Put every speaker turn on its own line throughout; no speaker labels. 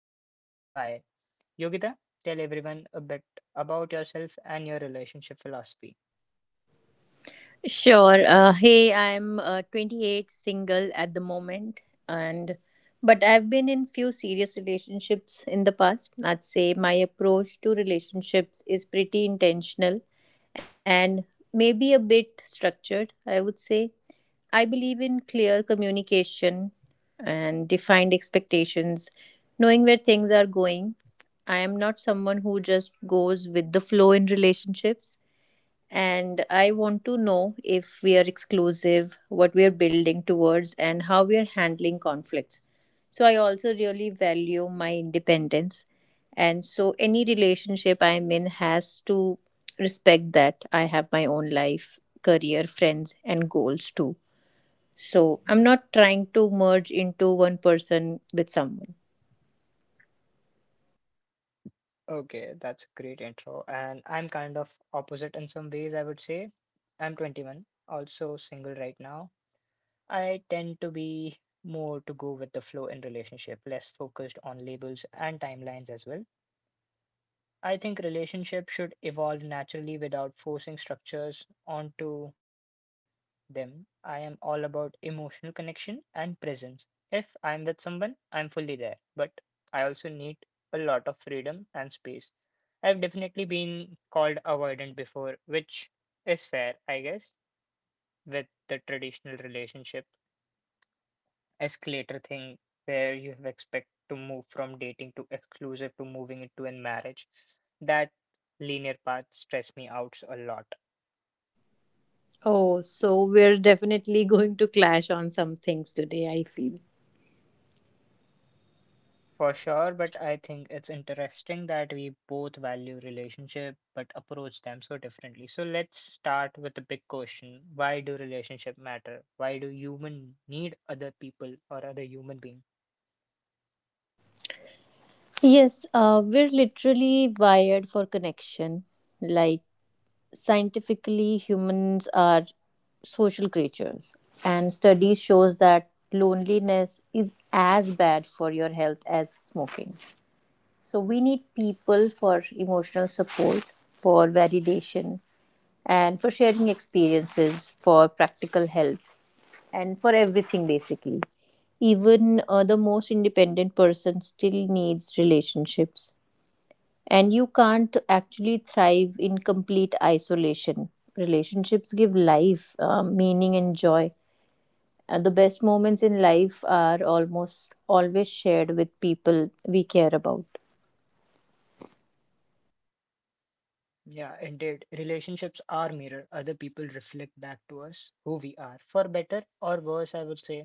in 2025. Yogita, tell everyone a bit about yourself and your relationship philosophy.
Sure. Hey, I'm 28, single at the moment, and but I've been in few serious relationships in the past. I'd say my approach to relationships is pretty intentional and maybe a bit structured, I would say. I believe in clear communication and defined expectations, knowing where things are going. I am not someone who just goes with the flow in relationships. And I want to know if we are exclusive, what we are building towards, and how we are handling conflicts. So I also really value my independence. And so any relationship I'm in has to respect that I have my own life, career, friends, and goals too. So I'm not trying to merge into one person with someone.
Okay, that's a great intro. And I'm kind of opposite in some ways, I would say. I'm 21, also single right now. I tend to be more to go with the flow in relationship, less focused on labels and timelines as well. I think relationships should evolve naturally without forcing structures onto them. I am all about emotional connection and presence. If I'm with someone, I'm fully there, but I also need a lot of freedom and space. I've definitely been called avoidant before, which is fair, I guess, with the traditional relationship escalator thing where you have expect to move from dating to exclusive to moving into a marriage. That linear path stress me out a lot.
Oh, so we're definitely going to clash on some things today, I feel.
For sure, but I think it's interesting that we both value relationship but approach them so differently. So let's start with the big question. Why do relationship matter? Why do human need other people or other human being?
Yes, we're literally wired for connection. Like, scientifically, humans are social creatures, and studies shows that loneliness is as bad for your health as smoking. So we need people for emotional support, for validation, and for sharing experiences, for practical help, and for everything basically. Even the most independent person still needs relationships and you can't actually thrive in complete isolation. Relationships give life, meaning, and joy. The best moments in life are almost always shared with people we care about.
Yeah, indeed. Relationships are mirror. Other people reflect back to us who we are. For better or worse, I would say.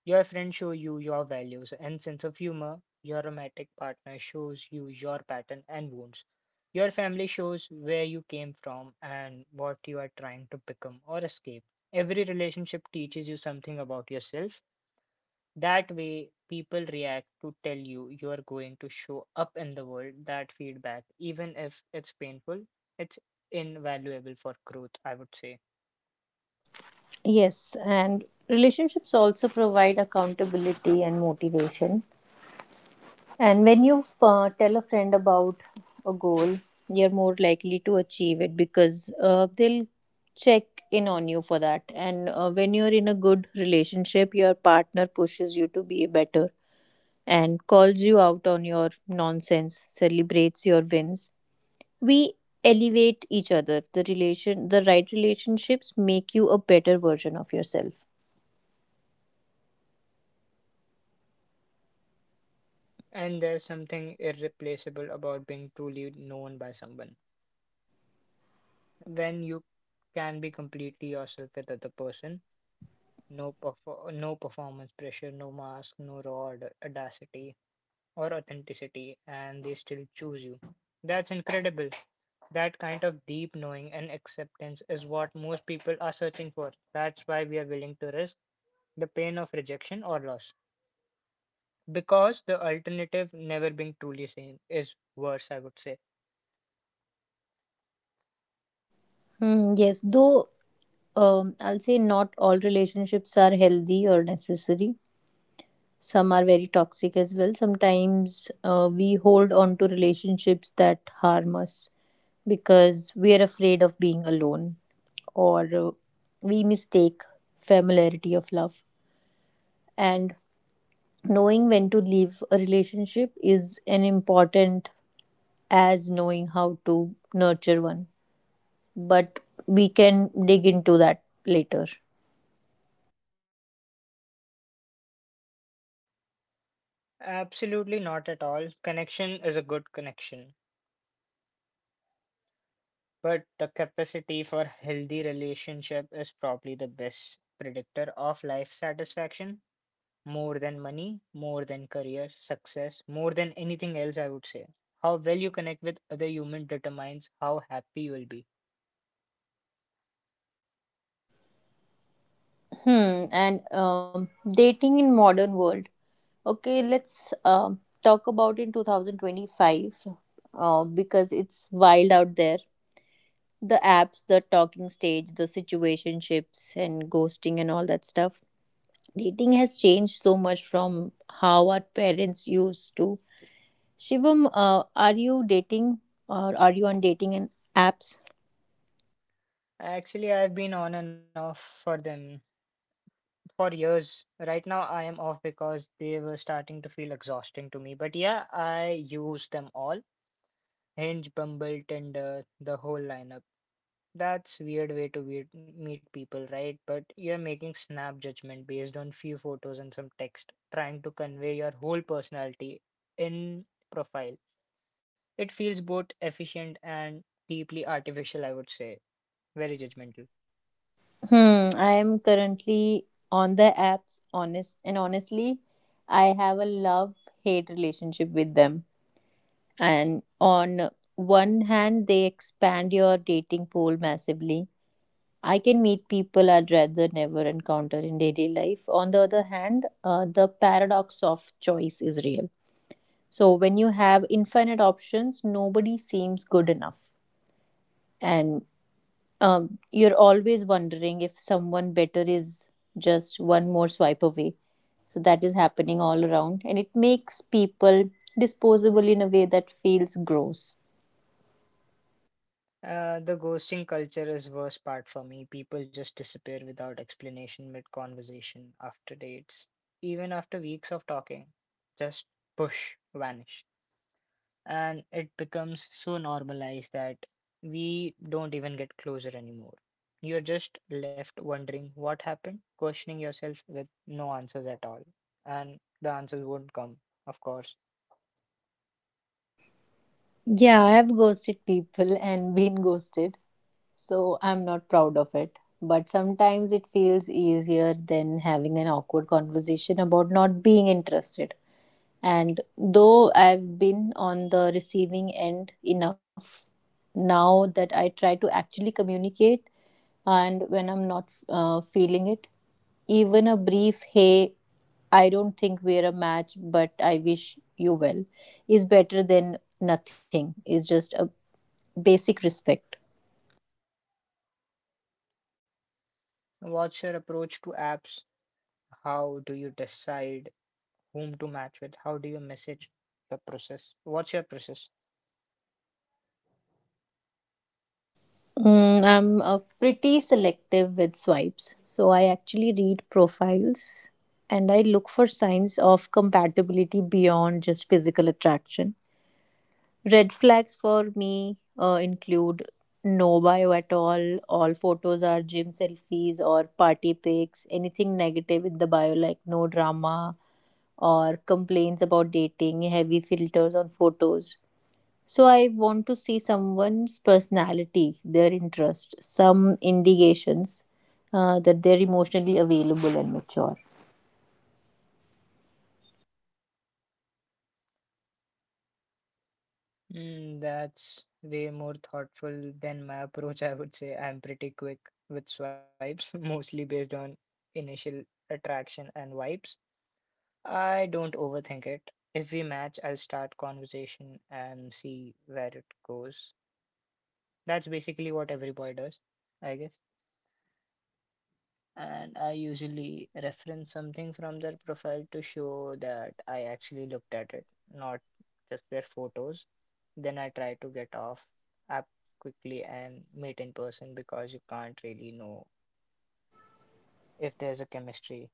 Your friends show you your values and sense of humor. Your romantic partner shows you your pattern and wounds. Your family shows where you came from and what you are trying to become or escape. Every relationship teaches you something about yourself that way, people react to tell you you are going to show up in the world. That feedback, even if it's painful, it's invaluable for growth, I would say.
Yes, and relationships also provide accountability and motivation. And when you tell a friend about a goal, you're more likely to achieve it because they'll check in on you for that. And when you're in a good relationship, your partner pushes you to be better and calls you out on your nonsense, celebrates your wins. We elevate each other. The right relationships make you a better version of yourself.
And there's something irreplaceable about being truly known by someone. When you can be completely yourself with other person, no performance pressure, no mask, no raw audacity, or authenticity and they still choose you. That's incredible. That kind of deep knowing and acceptance is what most people are searching for. That's why we are willing to risk the pain of rejection or loss. Because the alternative, never being truly seen, is worse, I would say.
Hmm, yes, though I'll say not all relationships are healthy or necessary, some are very toxic as well. Sometimes we hold on to relationships that harm us because we are afraid of being alone, or we mistake familiarity of love, and knowing when to leave a relationship is an important as knowing how to nurture one, but we can dig into that later.
Absolutely not at all. Connection is a good connection. But the capacity for healthy relationship is probably the best predictor of life satisfaction more than money, more than career, success, more than anything else, I would say. How well you connect with other humans determines how happy you will be.
Hmm. And dating in modern world. Okay, let's talk about in 2025 because it's wild out there. The apps, the talking stage, the situationships, and ghosting, and all that stuff. Dating has changed so much from how our parents used to. Shivam, are you dating or are you on dating and apps?
Actually, I've been on and off for them for years. Right now, I am off because they were starting to feel exhausting to me. But yeah, I use them all Hinge, Bumble, Tinder, the whole lineup. That's weird way to meet people, right? But you're making snap judgment based on few photos and some text, trying to convey your whole personality in profile. It feels both efficient and deeply artificial, I would say. Very judgmental.
Hmm, I am currently on the apps, honest and honestly, I have a love hate relationship with them. And on one hand they expand your dating pool massively, I can meet people I'd rather never encounter in daily life. On the other hand, the paradox of choice is real, so when you have infinite options nobody seems good enough, and you're always wondering if someone better is just one more swipe away. So that is happening all around, and it makes people disposable in a way that feels gross.
The ghosting culture is worst part for me. People just disappear without explanation mid conversation after dates, even after weeks of talking. Just push, vanish. And it becomes so normalized that we don't even get closer anymore. You're just left wondering what happened, questioning yourself with no answers at all. And the answers won't come, of course.
Yeah, I have ghosted people and been ghosted, so I'm not proud of it. But sometimes it feels easier than having an awkward conversation about not being interested. And though I've been on the receiving end enough now that I try to actually communicate, and when I'm not feeling it, even a brief, hey, I don't think we're a match, but I wish you well, is better than nothing. It's just a basic respect.
What's your approach to apps? How do you decide whom to match with? How do you message the process? What's your process?
Mm, I'm pretty selective with swipes. So I actually read profiles and I look for signs of compatibility beyond just physical attraction. Red flags for me include no bio at all photos are gym selfies or party pics, anything negative in the bio like no drama or complaints about dating, heavy filters on photos. So I want to see someone's personality, their interest, some indications that they're emotionally available and mature.
That's way more thoughtful than my approach, I would say. I'm pretty quick with swipes, mostly based on initial attraction and vibes. I don't overthink it. If we match, I'll start conversation and see where it goes. That's basically what every boy does, I guess. And I usually reference something from their profile to show that I actually looked at it, not just their photos. Then I try to get off app quickly and meet in person because you can't really know if there's a chemistry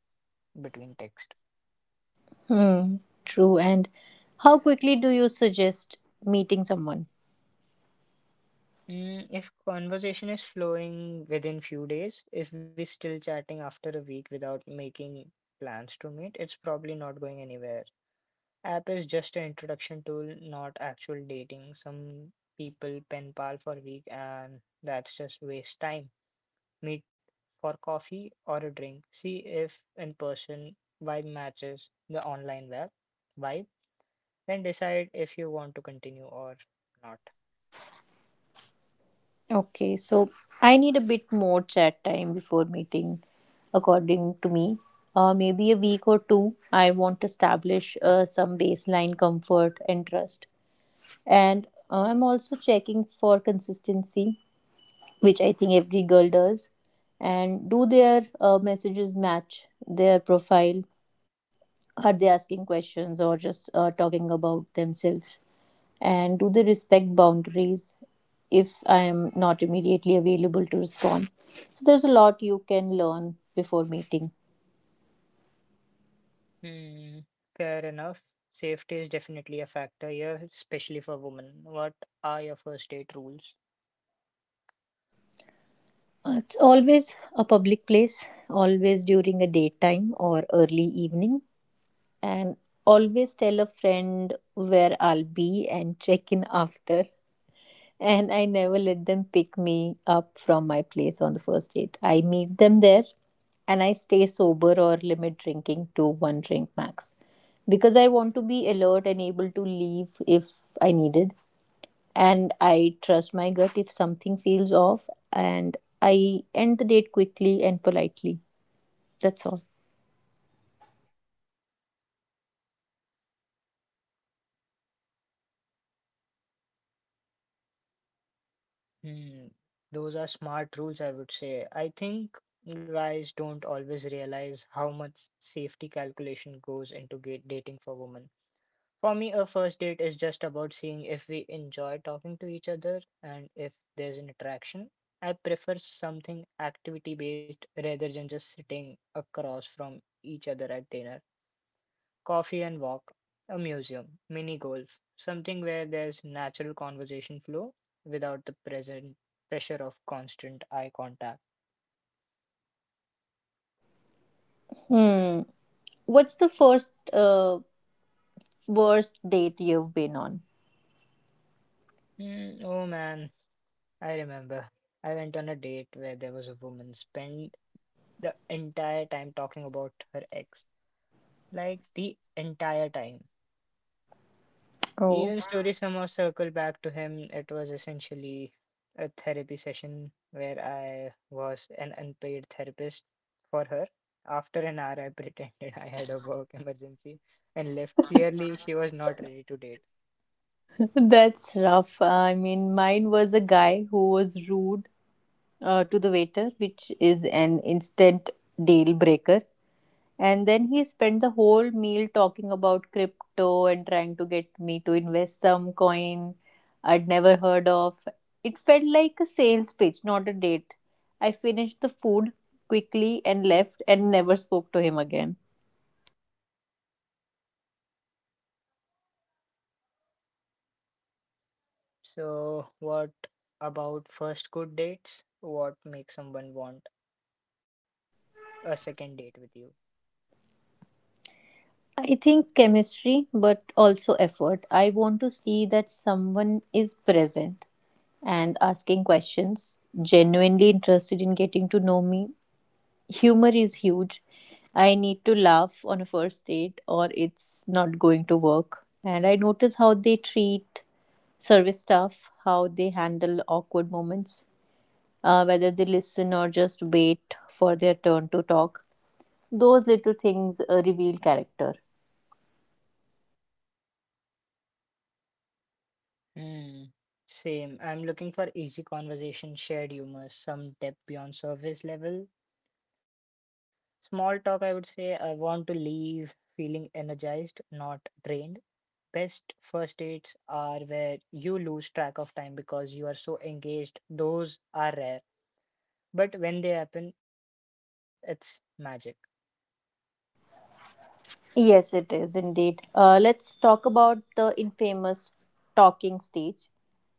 between text.
Hmm. True. And how quickly do you suggest meeting someone?
If conversation is flowing within few days, if we're still chatting after a week without making plans to meet, it's probably not going anywhere. App is just an introduction tool, not actual dating. Some people pen pal for a week and that's just waste time. Meet for coffee or a drink. See if in person vibe matches the online web vibe. Then decide if you want to continue or not.
Okay, so I need a bit more chat time before meeting, according to me. Maybe a week or two. I want to establish some baseline comfort and trust. And I'm also checking for consistency, which I think every girl does. And do their messages match their profile? Are they asking questions or just talking about themselves? And do they respect boundaries if I am not immediately available to respond? So there's a lot you can learn before meeting.
Hmm, fair enough. Safety is definitely a factor here, especially for women. What are your first date rules?
It's always a public place, always during a daytime or early evening, and always tell a friend where I'll be and check in after. And I never let them pick me up from my place on the first date. I meet them there and I stay sober or limit drinking to one drink max because I want to be alert and able to leave if I needed. And I trust my gut, if something feels off and I end the date quickly and politely. That's all.
Hmm, those are smart rules, I would say. I think guys don't always realize how much safety calculation goes into dating for women. For me, a first date is just about seeing if we enjoy talking to each other and if there's an attraction. I prefer something activity based rather than just sitting across from each other at dinner. Coffee and walk, a museum, mini golf, something where there's natural conversation flow without the present pressure of constant eye contact.
Hmm. What's the first worst date you've been on?
Oh man, I remember. I went on a date where there was a woman spent the entire time talking about her ex. Like the entire time.
Oh.
Ian's story somehow circled back to him. It was essentially a therapy session where I was an unpaid therapist for her. After an hour, I pretended I had a work emergency and left. Clearly, she was not ready to date.
That's rough. I mean, mine was a guy who was rude to the waiter, which is an instant deal breaker. And then he spent the whole meal talking about crypto and trying to get me to invest some coin I'd never heard of. It felt like a sales pitch, not a date. I finished the food quickly and left and never spoke to him again.
So, what about first good dates? What makes someone want a second date with you?
I think chemistry, but also effort. I want to see that someone is present and asking questions, genuinely interested in getting to know me. Humor is huge. I need to laugh on a first date or it's not going to work. And I notice how they treat service staff, how they handle awkward moments, whether they listen or just wait for their turn to talk. Those little things reveal character.
Hmm. Same. I'm looking for easy conversation, shared humor, some depth beyond surface level, small talk, I would say I want to leave feeling energized, not drained. Best first dates are where you lose track of time because you are so engaged. Those are rare, but when they happen, it's magic.
Yes, it is indeed. Let's talk about the infamous talking stage.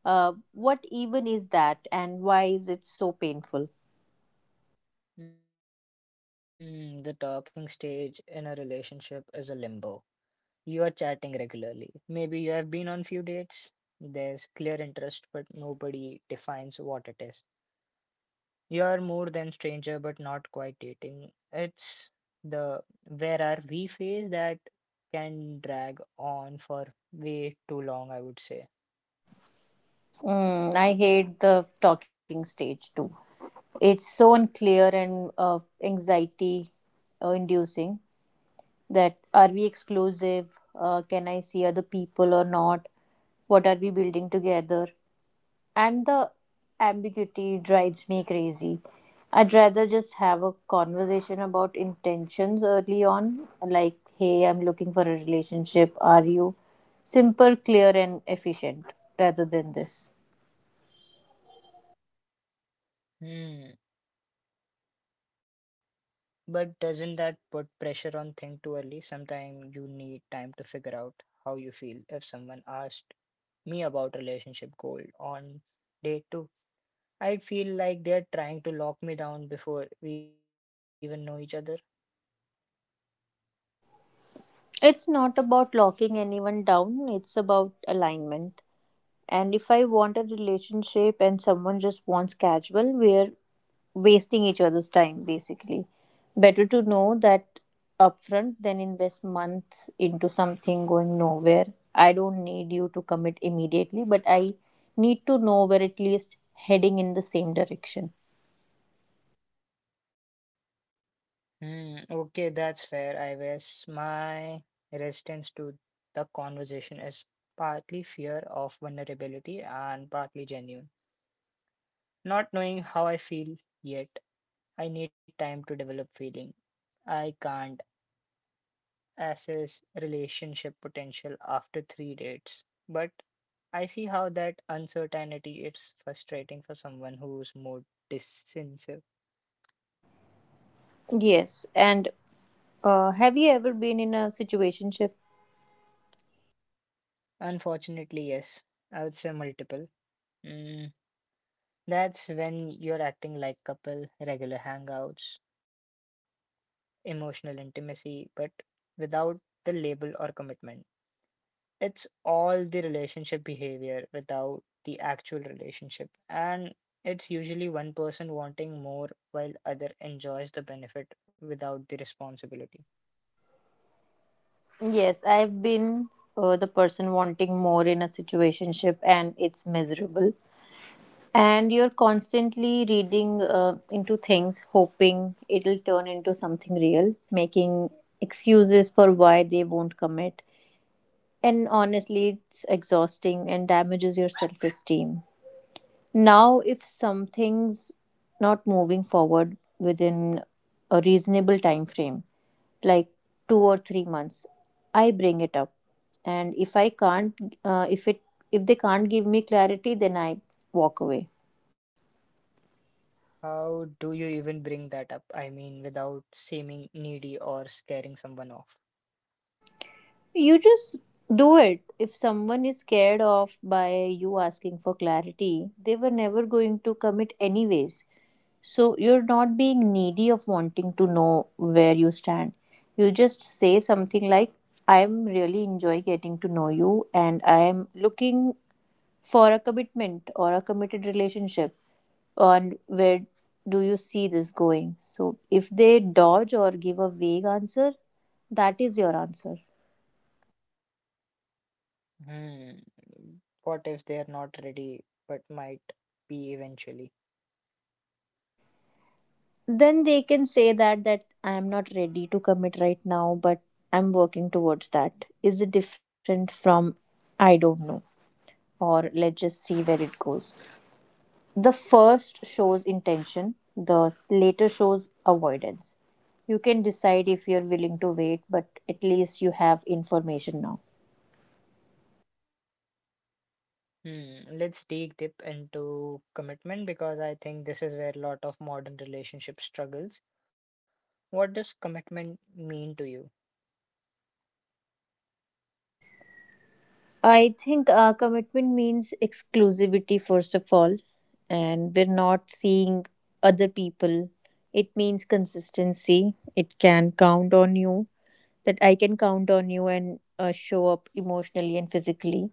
What even is that, and why is it so painful?
The talking stage in a relationship is a limbo. You are chatting regularly. Maybe you have been on few dates. There's clear interest, but nobody defines what it is. You're more than stranger, but not quite dating. It's the where are we phase that can drag on for way too long, I would say.
Mm, I hate the talking stage too. It's so unclear and anxiety inducing, that are we exclusive? Can I see other people or not? What are we building together? And the ambiguity drives me crazy. I'd rather just have a conversation about intentions early on, like, hey, I'm looking for a relationship, are you? Simple, clear, and efficient, rather than this.
Hmm. But doesn't that put pressure on thing too early? Sometimes you need time to figure out how you feel. If someone asked me about relationship goal on day two, I'd feel like they're trying to lock me down before we even know each other.
It's not about locking anyone down, it's about alignment. And if I want a relationship and someone just wants casual, we're wasting each other's time basically. Better to know that upfront than invest months into something going nowhere. I don't need you to commit immediately, but I need to know we're at least heading in the same direction.
Hmm, okay, that's fair. I guess my resistance to the conversation is partly fear of vulnerability and partly genuine. Not knowing how I feel yet, I need time to develop feeling. I can't assess relationship potential after three dates, but I see how that uncertainty is frustrating for someone who's more decisive.
Yes, and have you ever been in a situationship?
Unfortunately, yes, I would say multiple. Hmm, That's when you're acting like couple, regular hangouts, emotional intimacy, but without the label or commitment. It's all the relationship behavior without the actual relationship. And it's usually one person wanting more while other enjoys the benefit without the responsibility.
Yes, I've been the person wanting more in a situationship and it's miserable. And you're constantly reading into things, hoping it'll turn into something real, making excuses for why they won't commit. And honestly, it's exhausting and damages your self esteem. Now, if something's not moving forward within a reasonable time frame, like 2 or 3 months, I bring it up. And if I can't, if it if they can't give me clarity, then I walk away.
How do you even bring that up? I mean, without seeming needy or scaring someone off.
You just do it. If someone is scared off by you asking for clarity, they were never going to commit anyways. So you're not being needy of wanting to know where you stand. You just say something like, I'm really enjoy getting to know you and I am looking for a commitment or a committed relationship, on where do you see this going. So if they dodge or give a vague answer, that is your answer.
Hmm. What if they're not ready but might be eventually?
Then they can say that that I am not ready to commit right now but I'm working towards that. Is it different from I don't know or let's just see where it goes? The first shows intention, the later shows avoidance. You can decide if you're willing to wait, but at least you have information now.
Hmm. Let's dig deep into commitment because I think this is where a lot of modern relationship struggles. What does commitment mean to you?
I think commitment means exclusivity, first of all, and we're not seeing other people. It means consistency. It can count on you, that I can count on you and show up emotionally and physically.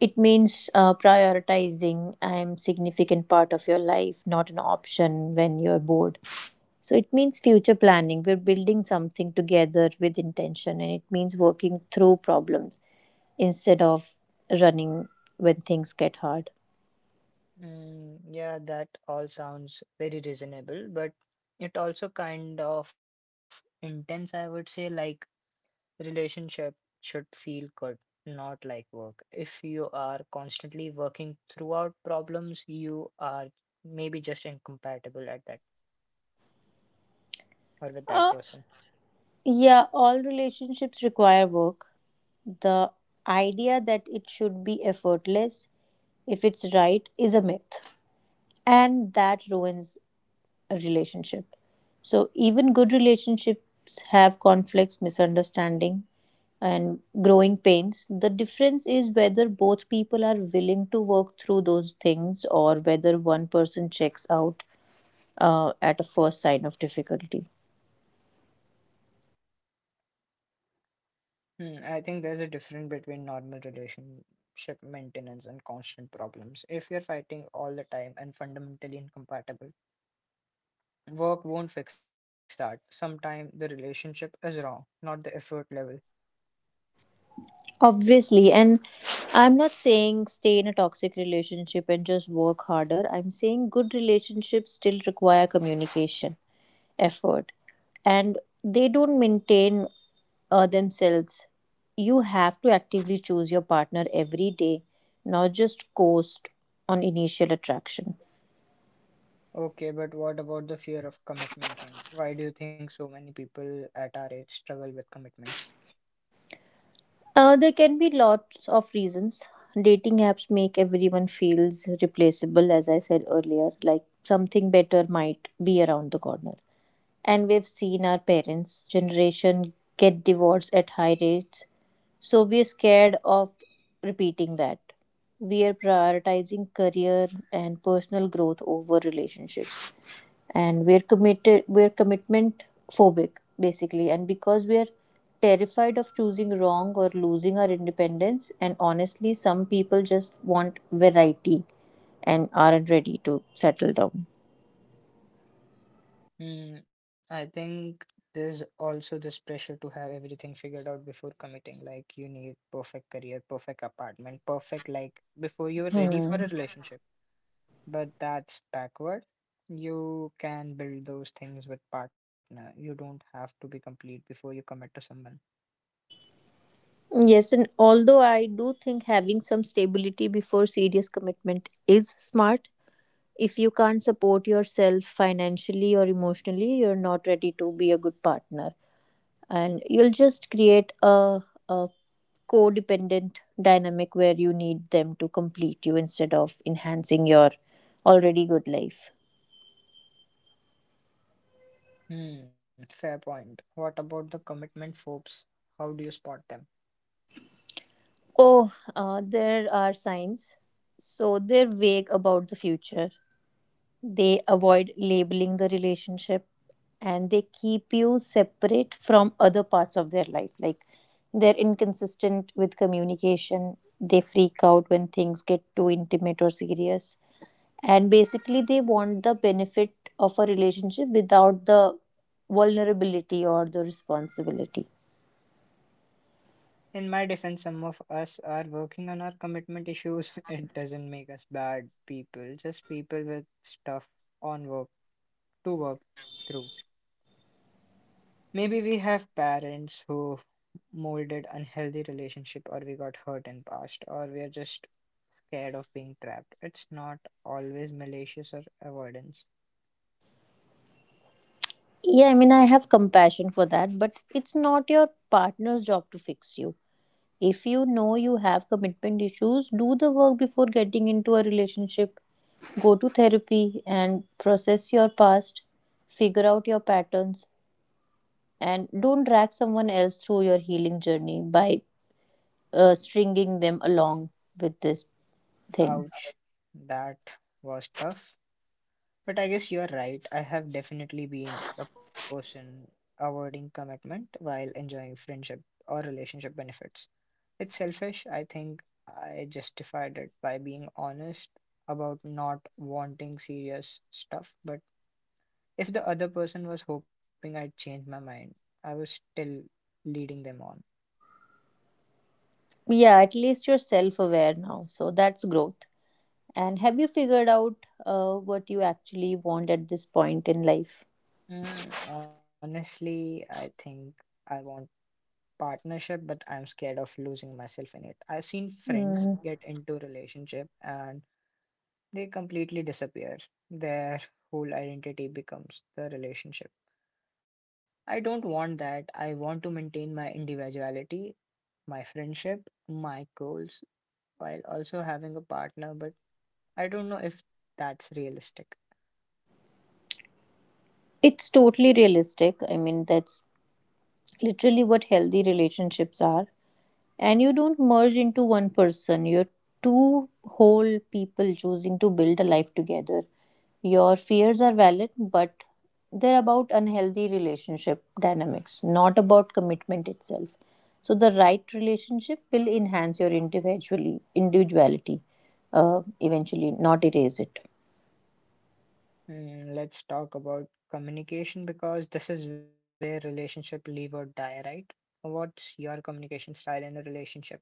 It means prioritizing, I am significant part of your life, not an option when you're bored. So it means future planning. We're building something together with intention, and it means working through problems instead of running when things get hard.
Yeah, that all sounds very reasonable, but it also kind of intense, I would say, like relationship should feel good, not like work. If you are constantly working throughout problems, you are maybe just incompatible at that or with that
Uh,
person.
yeah, all relationships require work. The idea that it should be effortless if it's right is a myth, and that ruins a relationship. So, even good relationships have conflicts, misunderstanding, and growing pains. The difference is whether both people are willing to work through those things or whether one person checks out at a first sign of difficulty.
I think there's a difference between normal relationship maintenance and constant problems. If you're fighting all the time and fundamentally incompatible, work won't fix that. Sometimes the relationship is wrong, not the effort level.
Obviously, and I'm not saying stay in a toxic relationship and just work harder. I'm saying good relationships still require communication, effort, and they don't maintain themselves. You have to actively choose your partner every day, not just coast on initial attraction.
Okay, but what about the fear of commitment thing? Why do you think so many people at our age struggle with commitments?
There can be lots of reasons. Dating apps make everyone feels replaceable, as I said earlier, like something better might be around the corner. And we've seen our parents' generation get divorced at high rates, so we're scared of repeating that. We are prioritizing career and personal growth over relationships, and we're commitment phobic basically, and because we're terrified of choosing wrong or losing our independence, and honestly some people just want variety and aren't ready to settle down.
I think there's also this pressure to have everything figured out before committing. Like you need perfect career, perfect apartment, perfect like before you're ready for
Hmm,
a relationship. But that's backward. You can build those things with partner. You don't have to be complete before you commit to someone.
yes. And although I do think having some stability before serious commitment is smart, if you can't support yourself financially or emotionally, you're not ready to be a good partner, and you'll just create a codependent dynamic where you need them to complete you instead of enhancing your already good life.
Hmm, fair point. What about the commitment phobes? How do you spot them?
Oh, there are signs. So they're vague about the future. They avoid labeling the relationship and they keep you separate from other parts of their life. Like they're inconsistent with communication. They freak out when things get too intimate or serious, and basically they want the benefit of a relationship without the vulnerability or the responsibility.
In my defense, some of us are working on our commitment issues. It doesn't make us bad people, just people with stuff on work to work through. Maybe we have parents who molded unhealthy relationship or we got hurt in past or we are just scared of being trapped. It's not always malicious or avoidance.
Yeah, I mean I have compassion for that, but it's not your partner's job to fix you. If you know you have commitment issues, do the work before getting into a relationship. Go to therapy and process your past, figure out your patterns, and don't drag someone else through your healing journey by stringing them along with this thing.
Ouch. That was tough. But I guess you're right. I have definitely been a person avoiding commitment while enjoying friendship or relationship benefits. It's selfish. I think I justified it by being honest about not wanting serious stuff. But if the other person was hoping I'd change my mind, I was still leading them on.
Yeah, at least you're self aware now. So that's growth. And have you figured out what you actually want at this point in life?
Honestly, I think I want partnership, but I'm scared of losing myself in it. I've seen friends
Mm.
get into relationship and they completely disappear. Their whole identity becomes the relationship. I don't want that. I want to maintain my individuality, my friendship, my goals, while also having a partner, but I don't know if that's realistic.
It's totally realistic. I mean, that's literally what healthy relationships are. And you don't merge into one person. You're two whole people choosing to build a life together. Your fears are valid, but they're about unhealthy relationship dynamics, not about commitment itself. So the right relationship will enhance your individually individuality eventually, not erase it.
Let's talk about communication because this is where relationship live or die, right? What's your communication style in a relationship?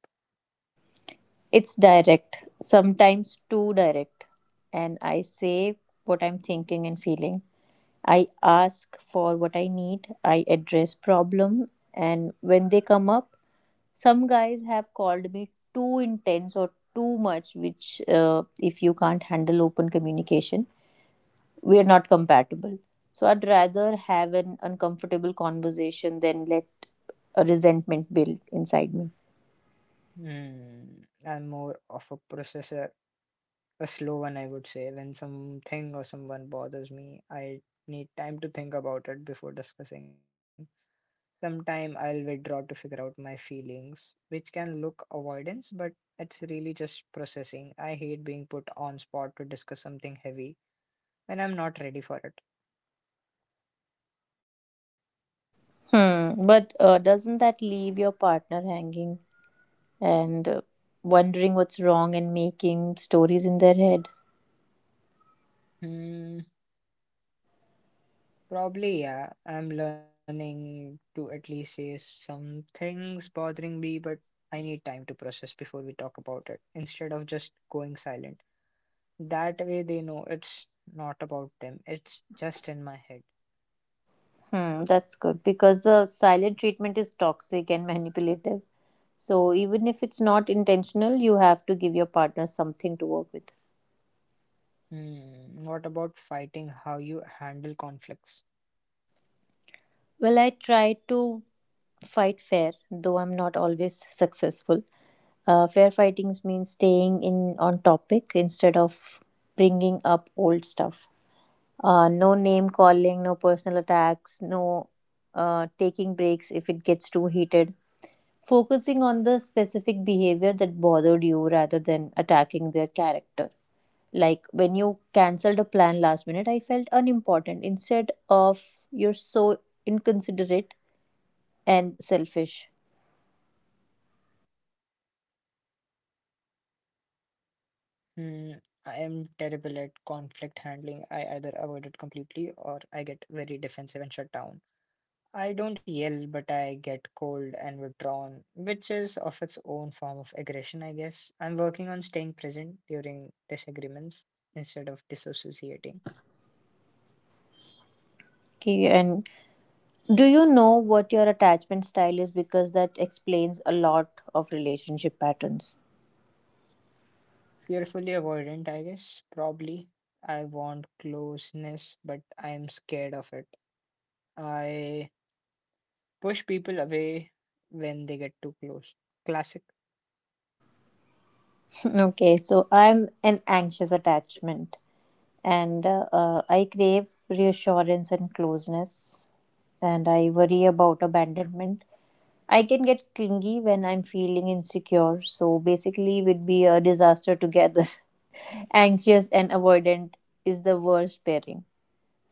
It's direct, sometimes too direct, and I say what I'm thinking and feeling. I ask for what I need, I address problem and when they come up. Some guys have called me too intense or too much, which if you can't handle open communication, we are not compatible. So I'd rather have an uncomfortable conversation than let a resentment build inside me.
Hmm, I'm more of a processor. A slow one, I would say. When something or someone bothers me, I need time to think about it before discussing. Sometime I'll withdraw to figure out my feelings, which can look avoidance, but it's really just processing. I hate being put on spot to discuss something heavy when I'm not ready for it.
Hmm. But doesn't that leave your partner hanging and wondering what's wrong and making stories in their head?
Hmm, probably yeah. I'm learning to at least say some things bothering me, but I need time to process before we talk about it instead of just going silent. That way they know it's not about them, it's just in my head.
Hmm, that's good, because the silent treatment is toxic and manipulative. So, even if it's not intentional, you have to give your partner something to work with.
What about fighting? How you handle conflicts?
Well, I try to fight fair, though I'm not always successful. Fair fighting means staying in on topic instead of bringing up old stuff. No name calling, no personal attacks, no taking breaks if it gets too heated, focusing on the specific behavior that bothered you rather than attacking their character. Like, when you cancelled a plan last minute, I felt unimportant, instead of you're so inconsiderate and selfish.
Hmm, I am terrible at conflict handling. I either avoid it completely or I get very defensive and shut down. I don't yell, but I get cold and withdrawn, which is of its own form of aggression, I guess. I'm working on staying present during disagreements instead of disassociating.
Okay, and do you know what your attachment style is? Because that explains a lot of relationship patterns.
Fearfully avoidant, I guess. Probably. I want closeness, but I'm scared of it. I push people away when they get too close. Classic.
Okay, so I'm an anxious attachment. And I crave reassurance and closeness, and I worry about abandonment. I can get clingy when I'm feeling insecure, so basically, we'd be a disaster together. Anxious and avoidant is the worst pairing.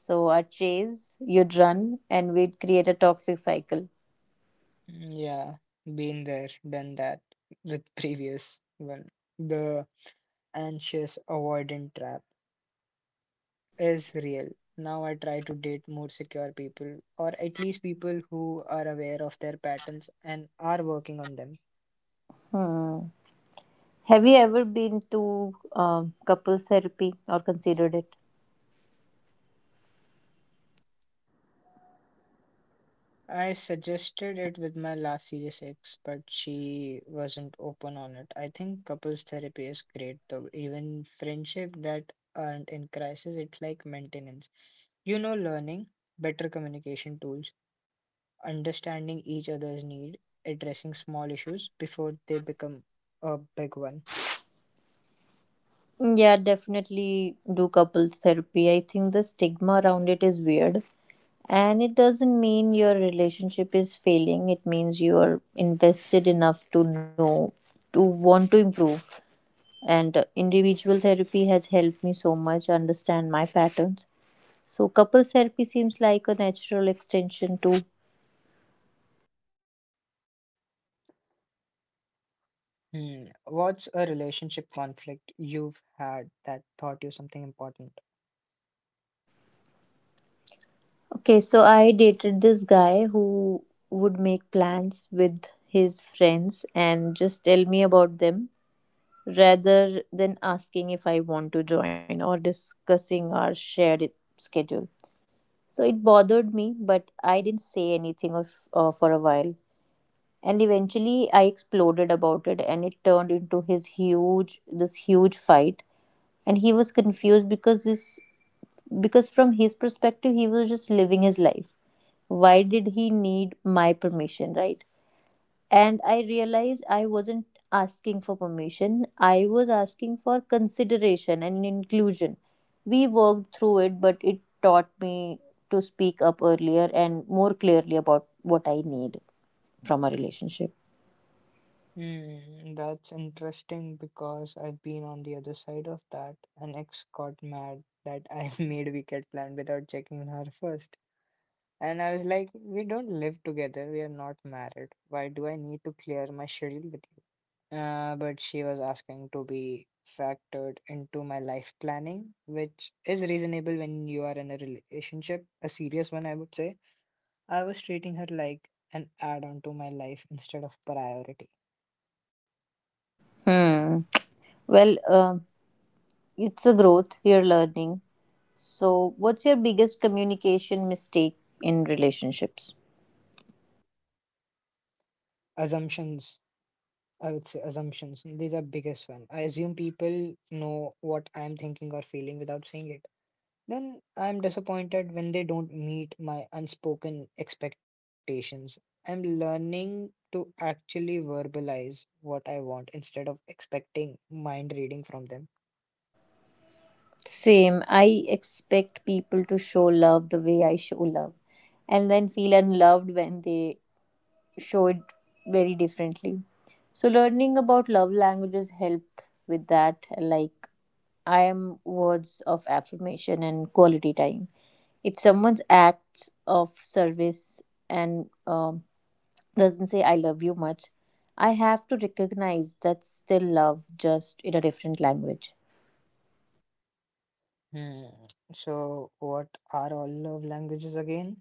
So, I'd chase, you'd run, and we'd create a toxic cycle.
Yeah, been there, done that with previous one. The anxious avoidant trap is real. Now I try to date more secure people, or at least people who are aware of their patterns and are working on them.
Hmm. Have you ever been to couples therapy or considered it?
I suggested it with my last serious ex, but she wasn't open on it. I think couples therapy is great though. Even friendship that aren't in crisis, it's like maintenance. Learning better communication tools, understanding each other's need, addressing small issues before they become a big one.
Yeah, definitely do couple therapy. I think the stigma around it is weird. And it doesn't mean your relationship is failing. It means you are invested enough to know, to want to improve. And individual therapy has helped me so much understand my patterns. So, couple therapy seems like a natural extension too.
Hmm. What's a relationship conflict you've had that taught you something important?
Okay, so I dated this guy who would make plans with his friends and just tell me about them rather than asking if I want to join or discussing our shared schedule. So it bothered me, but I didn't say anything of, for a while. And eventually I exploded about it and it turned into his huge this huge fight, and he was confused because this because from his perspective he was just living his life. Why did he need my permission? Right. And I realized I wasn't asking for permission, I was asking for consideration and inclusion. We worked through it, but it taught me to speak up earlier and more clearly about what I need from a relationship.
That's interesting because I've been on the other side of that. An ex got mad that I made weekend plan without checking her first. And I was like, we don't live together, we are not married. Why do I need to clear my schedule with you? But she was asking to be factored into my life planning, which is reasonable when you are in a relationship, a serious one, I would say. I was treating her like an add on to my life instead of priority.
Hmm, well, it's a growth. You're learning. So what's your biggest communication mistake in relationships?
assumptions assumptions, these are biggest one. I assume people know what I am thinking or feeling without saying it, then I am disappointed when they don't meet my unspoken expectations. I'm learning to actually verbalize what I want instead of expecting mind reading from them.
Same. I expect people to show love the way I show love, and then feel unloved when they show it very differently. So learning about love languages helped with that. Like, I am words of affirmation and quality time. If someone's acts of service and doesn't say I love you much, I have to recognize that's still love, just in a different language.
Hmm. So what are all love languages again?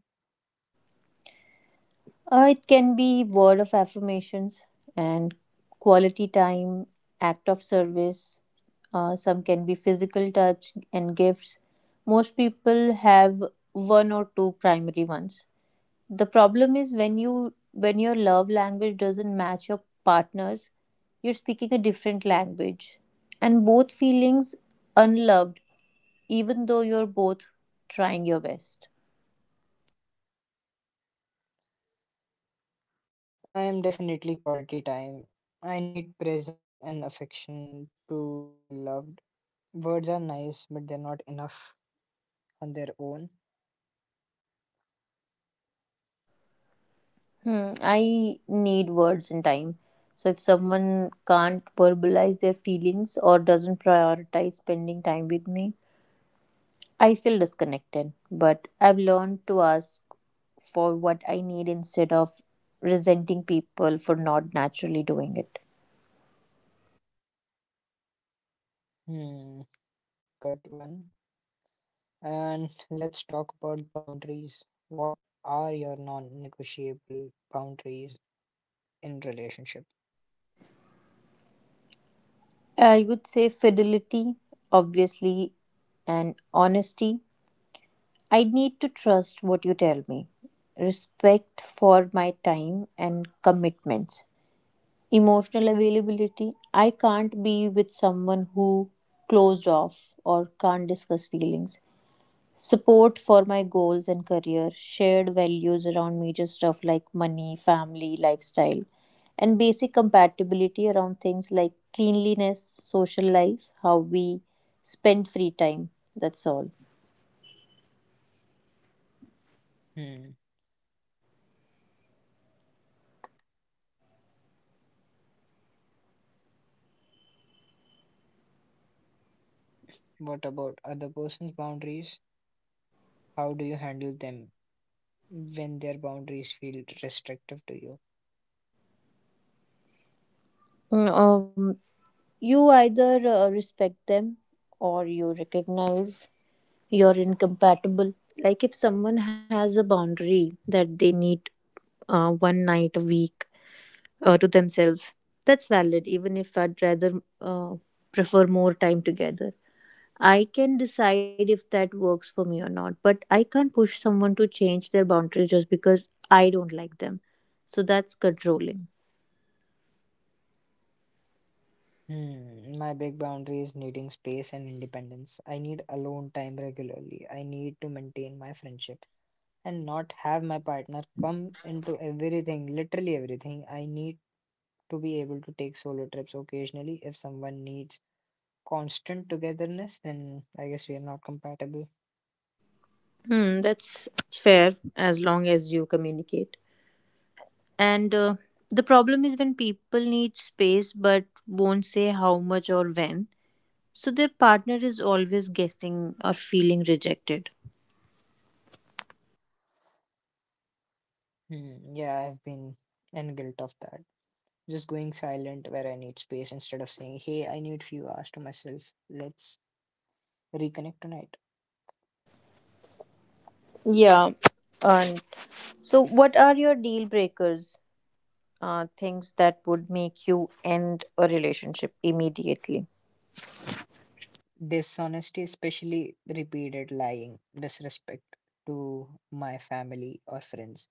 It can be word of affirmations and quality time, act of service. Some can be physical touch and gifts. Most people have one or two primary ones. The problem is when your love language doesn't match your partner's, you're speaking a different language, and both feelings unloved, even though you're both trying your best.
I am definitely quality time. I need presence and affection to feel loved. Words are nice, but they're not enough on their own.
Hmm, I need words and time. So if someone can't verbalize their feelings or doesn't prioritize spending time with me, I feel disconnected. But I've learned to ask for what I need instead of resenting people for not naturally doing it.
Hmm, good one. And let's talk about boundaries. What are your non-negotiable boundaries in relationship?
I would say fidelity, obviously, and honesty. I need to trust what you tell me, respect for my time and commitments. Emotional availability. I can't be with someone who closed off or can't discuss feelings. Support for my goals and career, shared values around major stuff like money, family, lifestyle, and basic compatibility around things like cleanliness, social life, how we spend free time. That's all.
Hmm. What about other person's boundaries? How do you handle them when their boundaries feel restrictive to you?
Mm. You either respect them or you recognize you're incompatible. Like, if someone has a boundary that they need one night a week to themselves, that's valid, even if I'd rather uh, prefer more time together. I can decide if that works for me or not, but I can't push someone to change their boundaries just because I don't like them. So that's controlling.
My big boundary is needing space and independence. I need alone time regularly. I need to maintain my friendship and not have my partner come into everything, literally everything. I need to be able to take solo trips occasionally. If someone needs constant togetherness, then I guess we are not compatible.
Hmm, that's fair as long as you communicate. And the problem is when people need space but won't say how much or when. So their partner is always guessing or feeling rejected.
Hmm, yeah, I've been in guilt of that. Just going silent where I need space instead of saying, hey, I need few hours to myself. Let's reconnect tonight.
Yeah. And so, what are your deal breakers? Things that would make you end a relationship immediately.
Dishonesty, especially repeated lying, disrespect to my family or friends,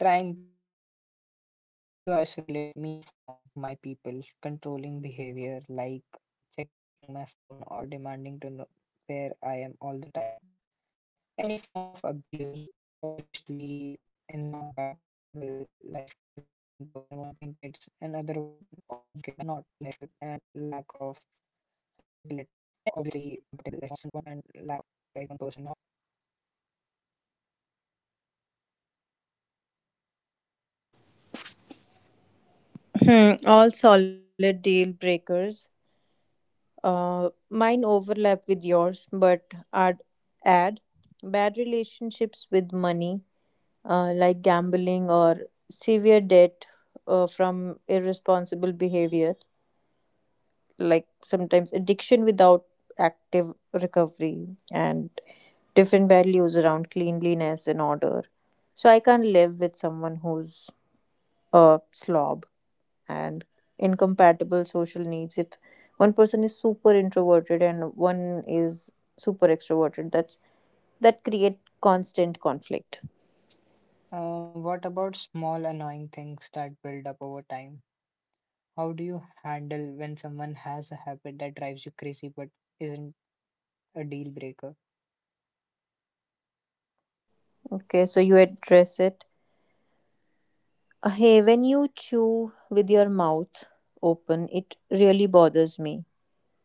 trying to isolate me from my people, controlling behavior like checking my phone or demanding to know where I am all the time. Any form of abuse, obviously incompatible life goals, like one person wanting kids, another one not, and lack of physical attraction.
Hmm, all solid deal breakers. Mine overlap with yours, but I'd add bad relationships with money, like gambling or severe debt from irresponsible behavior, like sometimes addiction without active recovery, and different values around cleanliness and order. So I can't live with someone who's a slob, and incompatible social needs. If one person is super introverted and one is super extroverted, that create constant conflict.
What about small annoying things that build up over time? How do you handle when someone has a habit that drives you crazy but isn't a deal breaker?
Okay, so you address it. Hey, when you chew with your mouth open, it really bothers me.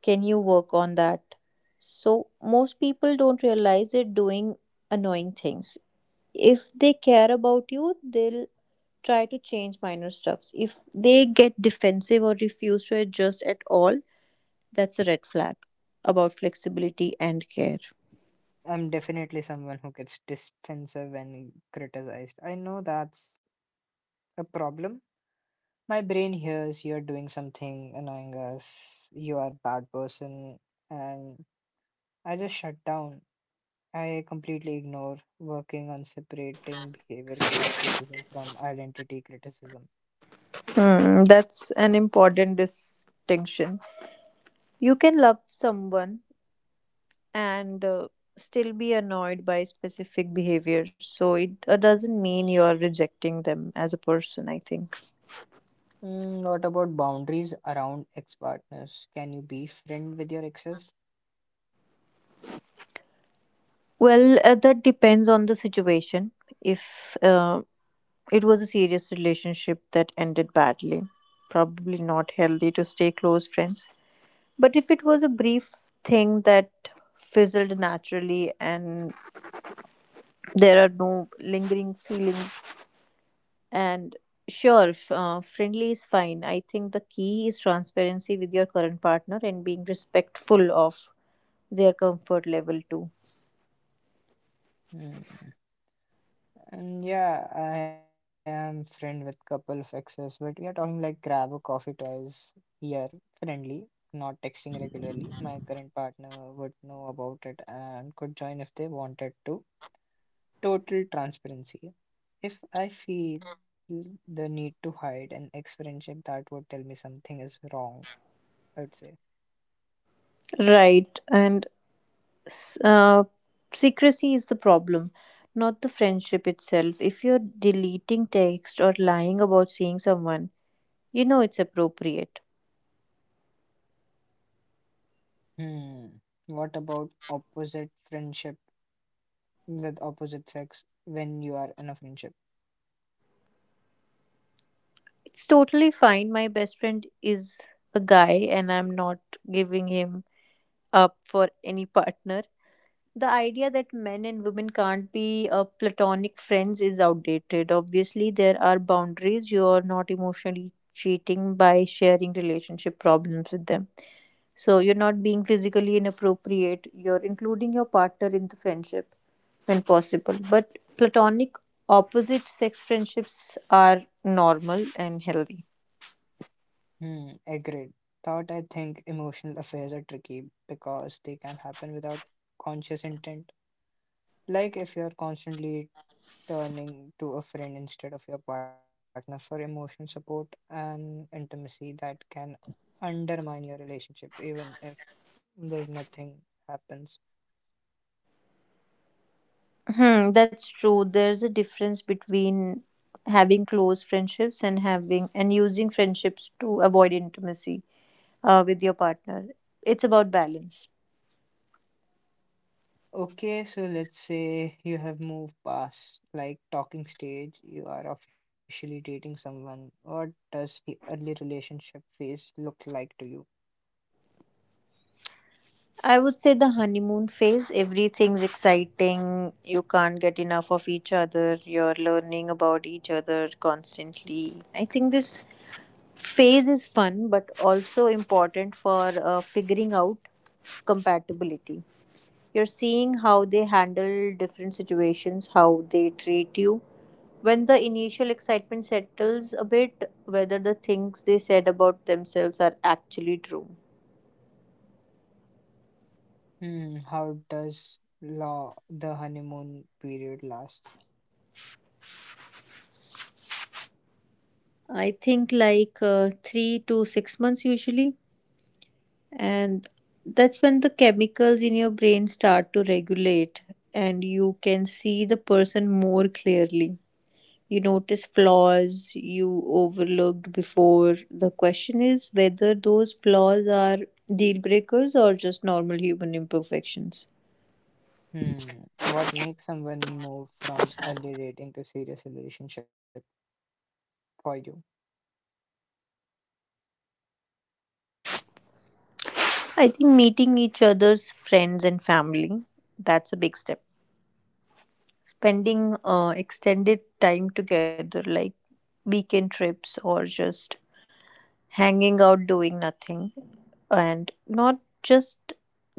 Can you work on that? So, most people don't realize they're doing annoying things. If they care about you, they'll try to change minor stuffs. If they get defensive or refuse to adjust at all, that's a red flag about flexibility and care.
I'm definitely someone who gets defensive when criticized. I know that's a problem. My brain hears you're doing something annoying us, you are a bad person, and I just shut down. I completely ignore working on separating behavior criticism from identity criticism.
Hmm, that's an important distinction. You can love someone and still be annoyed by specific behaviors. So it doesn't mean you are rejecting them as a person, I think.
What about boundaries around ex partners? Can you be friend with your exes?
Well, that depends on the situation. If it was a serious relationship that ended badly, probably not healthy to stay close friends. But if it was a brief thing that fizzled naturally and there are no lingering feelings, and sure, friendly is fine. I think the key is transparency with your current partner and being respectful of their comfort level too.
Hmm. And yeah, I am friend with couple of exes, but we are talking like grab a coffee twice here, friendly, not texting regularly. My current partner would know about it and could join if they wanted to. Total transparency. If I feel the need to hide an ex friendship, that would tell me something is wrong, I would say.
Right. And s- uh, secrecy is the problem, not the friendship itself. If you're deleting text or lying about seeing someone, you know it's appropriate.
Hmm. What about opposite friendship with opposite sex when you are in a friendship?
It's totally fine. My best friend is a guy, and I'm not giving him up for any partner. The idea that men and women can't be platonic friends is outdated. Obviously, there are boundaries. You are not emotionally cheating by sharing relationship problems with them. So, you're not being physically inappropriate. You're including your partner in the friendship when possible. But platonic opposite sex friendships are normal and healthy.
Agreed. Thought I think emotional affairs are tricky because they can happen without conscious intent. Like if you're constantly turning to a friend instead of your partner for emotional support and intimacy, that can undermine your relationship, even if there's nothing happens.
Hmm, that's true. There's a difference between having close friendships and having and using friendships to avoid intimacy with your partner. It's about balance.
Okay, so let's say you have moved past like talking stage, you are officially dating someone. What does the early relationship phase look like to you?
I would say the honeymoon phase, everything's exciting. You can't get enough of each other. You're learning about each other constantly. I think this phase is fun, but also important for figuring out compatibility. You're seeing how they handle different situations, how they treat you. When the initial excitement settles a bit, whether the things they said about themselves are actually true.
Hmm, how does law the honeymoon period last?
I think 3 to 6 months usually. And that's when the chemicals in your brain start to regulate and you can see the person more clearly. You notice flaws you overlooked before. The question is whether those flaws are deal breakers or just normal human imperfections.
Hmm, what makes someone move from early dating to serious relationship for you?
I think meeting each other's friends and family, that's a big step. Spending extended time together, like weekend trips or just hanging out doing nothing and not just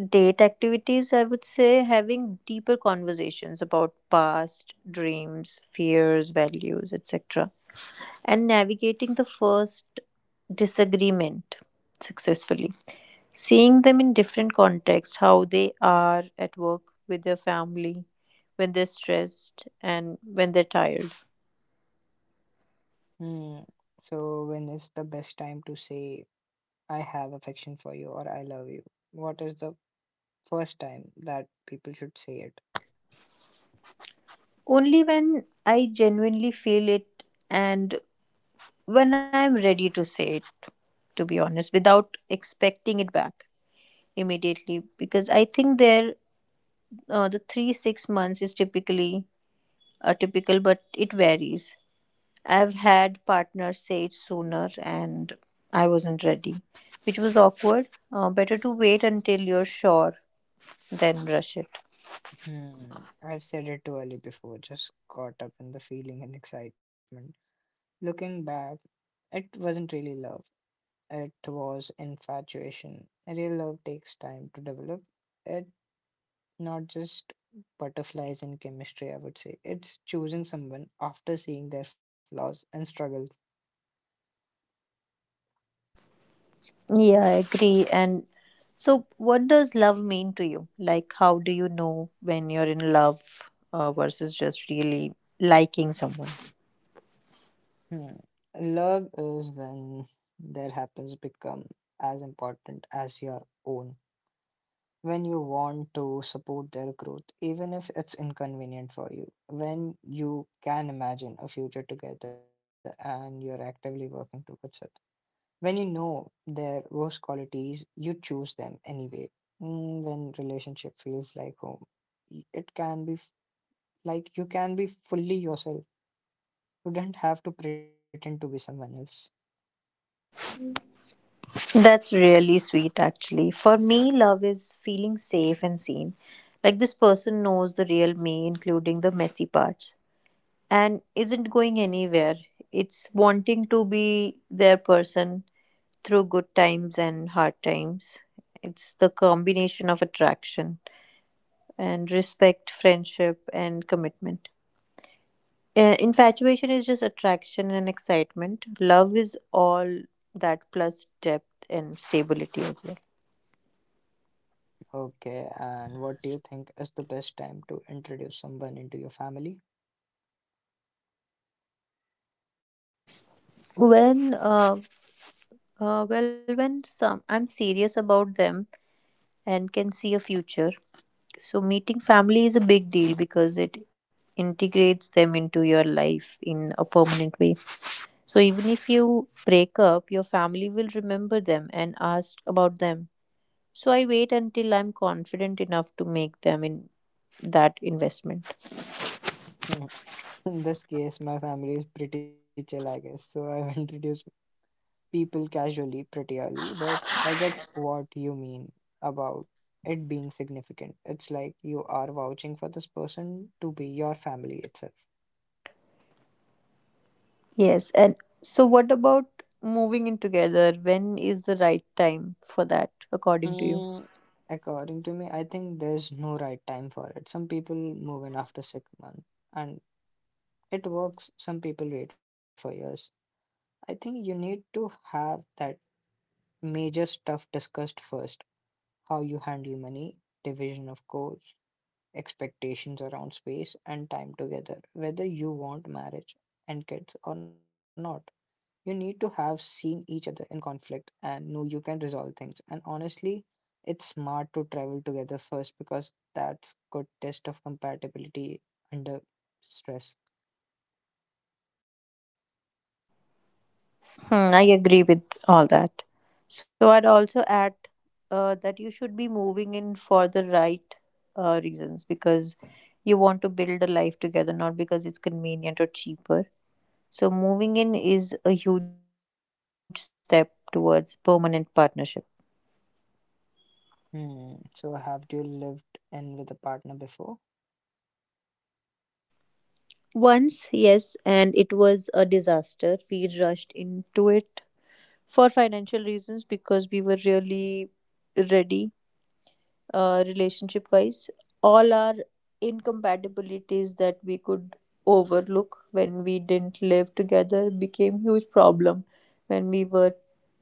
date activities. I would say having deeper conversations about past dreams, fears, values, etc. and navigating the first disagreement successfully, seeing them in different contexts, how they are at work, with their family, when they're stressed and when they're tired.
Hmm, so when is the best time to say I have affection for you or I love you? What is the first time that people should say it?
Only when I genuinely feel it and when I'm ready to say it, to be honest, without expecting it back immediately. Because I think the 3-6 months is typical, but it varies. I've had partners say it sooner, and I wasn't ready, which was awkward. Better to wait until you're sure than rush it.
I've said it too early before, just caught up in the feeling and excitement. Looking back, it wasn't really love. It was infatuation. Real love takes time to develop. It not just butterflies in chemistry, I would say. It's choosing someone after seeing their flaws and struggles.
Yeah, I agree. And so, what does love mean to you? Like, how do you know when you're in love versus just really liking someone?
Hmm. Love is when their happens become as important as your own. When you want to support their growth, even if it's inconvenient for you. When you can imagine a future together and you're actively working towards it. When you know their worst qualities, you choose them anyway. When relationship feels like home, it can be like you can be fully yourself. You don't have to pretend to be someone else.
That's really sweet, actually. For me, love is feeling safe and seen. Like, this person knows the real me, including the messy parts, and isn't going anywhere. It's wanting to be their person through good times and hard times. It's the combination of attraction and respect, friendship, and commitment. Infatuation is just attraction and excitement. Love is all that plus depth and stability as well.
Okay, and what do you think is the best time to introduce someone into your family?
When, well, when some I'm serious about them and can see a future. So meeting family is a big deal because it integrates them into your life in a permanent way. So even if you break up, your family will remember them and ask about them. So I wait until I'm confident enough to make them in that investment.
In this case, my family is pretty chill, I guess. So I've introduced people casually pretty early, but I get what you mean about it being significant. It's like you are vouching for this person to be your family itself.
Yes, and so what about moving in together? When is the right time for that, according to you?
Mm, according to me, I think there's no right time for it. Some people move in after six months and it works, some people wait for years. I think you need to have that major stuff discussed first. How you handle money, division of chores, expectations around space and time together. Whether you want marriage and kids or not, you need to have seen each other in conflict and know you can resolve things. And honestly, it's smart to travel together first because that's good test of compatibility under stress.
Hmm, I agree with all that. So I'd also add that you should be moving in for the right reasons, because you want to build a life together, not because it's convenient or cheaper. So moving in is a huge step towards permanent partnership.
Hmm. So have you lived in with a partner before?
Once, yes, and it was a disaster. We rushed into it for financial reasons because we were really ready, relationship wise. All our incompatibilities that we could overlook when we didn't live together became huge problem when we were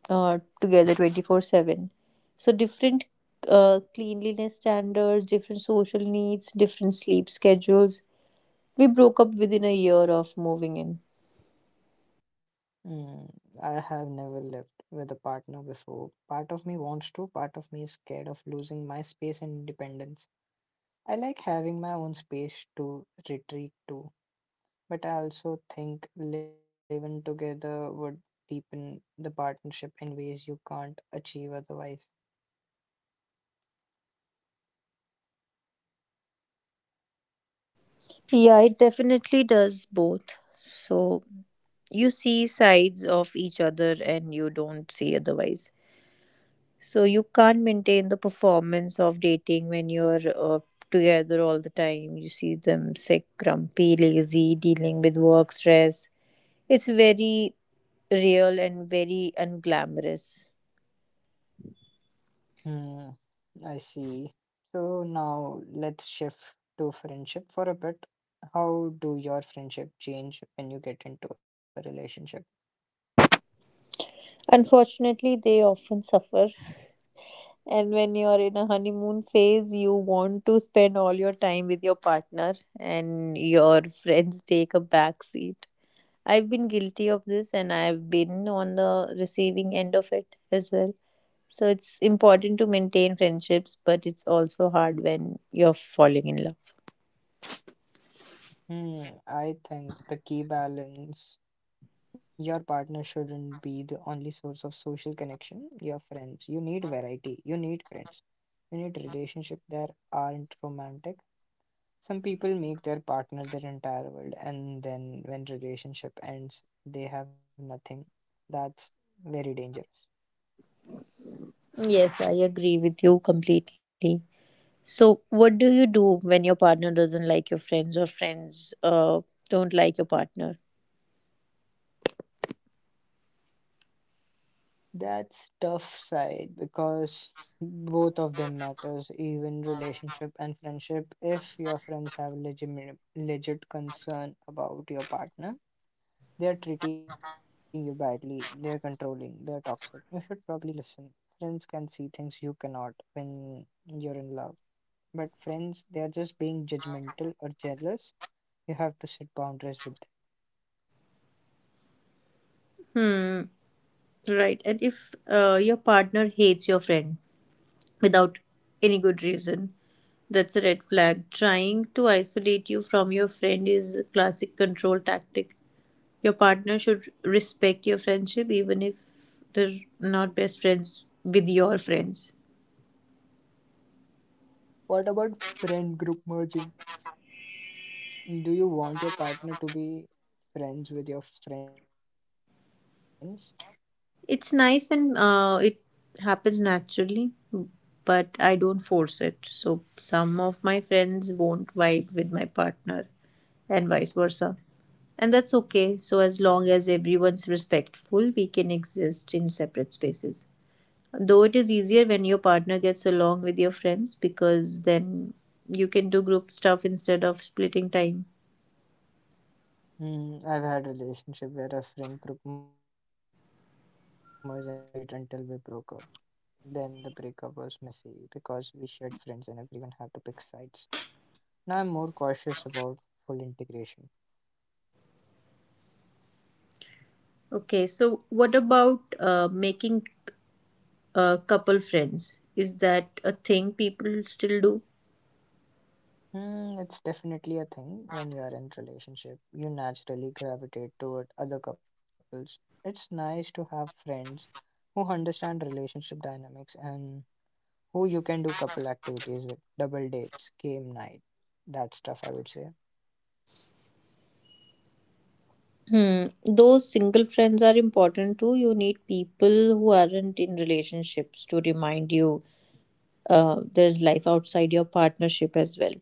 together 24/7. So different cleanliness standards, different social needs, different sleep schedules. We broke up within a year of moving in.
Hmm. I have never lived with a partner before. Part of me wants to, part of me is scared of losing my space and independence. I like having my own space to retreat to, but I also think living together would deepen the partnership in ways you can't achieve otherwise.
Yeah, it definitely does both. So you see sides of each other and you don't see otherwise. So you can't maintain the performance of dating when you're together all the time. You see them sick, grumpy, lazy, dealing with work stress. It's very real and very unglamorous.
Hmm, I see. So now let's shift to friendship for a bit. How do your friendship change when you get into a relationship?
Unfortunately, they often suffer. And when you're in a honeymoon phase, you want to spend all your time with your partner, and your friends take a back seat. I've been guilty of this, and I've been on the receiving end of it as well. So it's important to maintain friendships, but it's also hard when you're falling in love.
I think the key balance. Your partner shouldn't be the only source of social connection. Your friends, you need variety, you need friends, you need relationships that aren't romantic. Some people make their partner their entire world, and then when relationship ends, they have nothing. That's very dangerous.
Yes, I agree with you completely. So, what do you do when your partner doesn't like your friends, or friends don't like your partner?
That's tough side because both of them matters, even relationship and friendship. If your friends have legit concern about your partner, they're treating you badly. They're controlling. They're toxic. You should probably listen. Friends can see things you cannot when you're in love. But friends, they're just being judgmental or jealous. You have to set boundaries with them.
Hmm. Right. And if your partner hates your friend without any good reason, that's a red flag. Trying to isolate you from your friend is a classic control tactic. Your partner should respect your friendship even if they're not best friends with your friends.
What about friend group merging? Do you want your partner to be friends with your friends?
It's nice when it happens naturally, but I don't force it. So some of my friends won't vibe with my partner, and vice versa. And that's okay. So as long as everyone's respectful, we can exist in separate spaces. Though it is easier when your partner gets along with your friends, because then you can do group stuff instead of splitting time.
I've had a relationship where a friend group merged and it was great until we broke up. Then the breakup was messy because we shared friends and everyone had to pick sides. Now I'm more cautious about full integration.
Okay, so what about making couple friends. Is that a thing people still do?
It's definitely a thing when you are in relationship. You naturally gravitate toward other couples. It's nice to have friends who understand relationship dynamics and who you can do couple activities with, double dates, game night, that stuff I would say.
Hmm. Those single friends are important too. You need people who aren't in relationships to remind you there's life outside your partnership as well.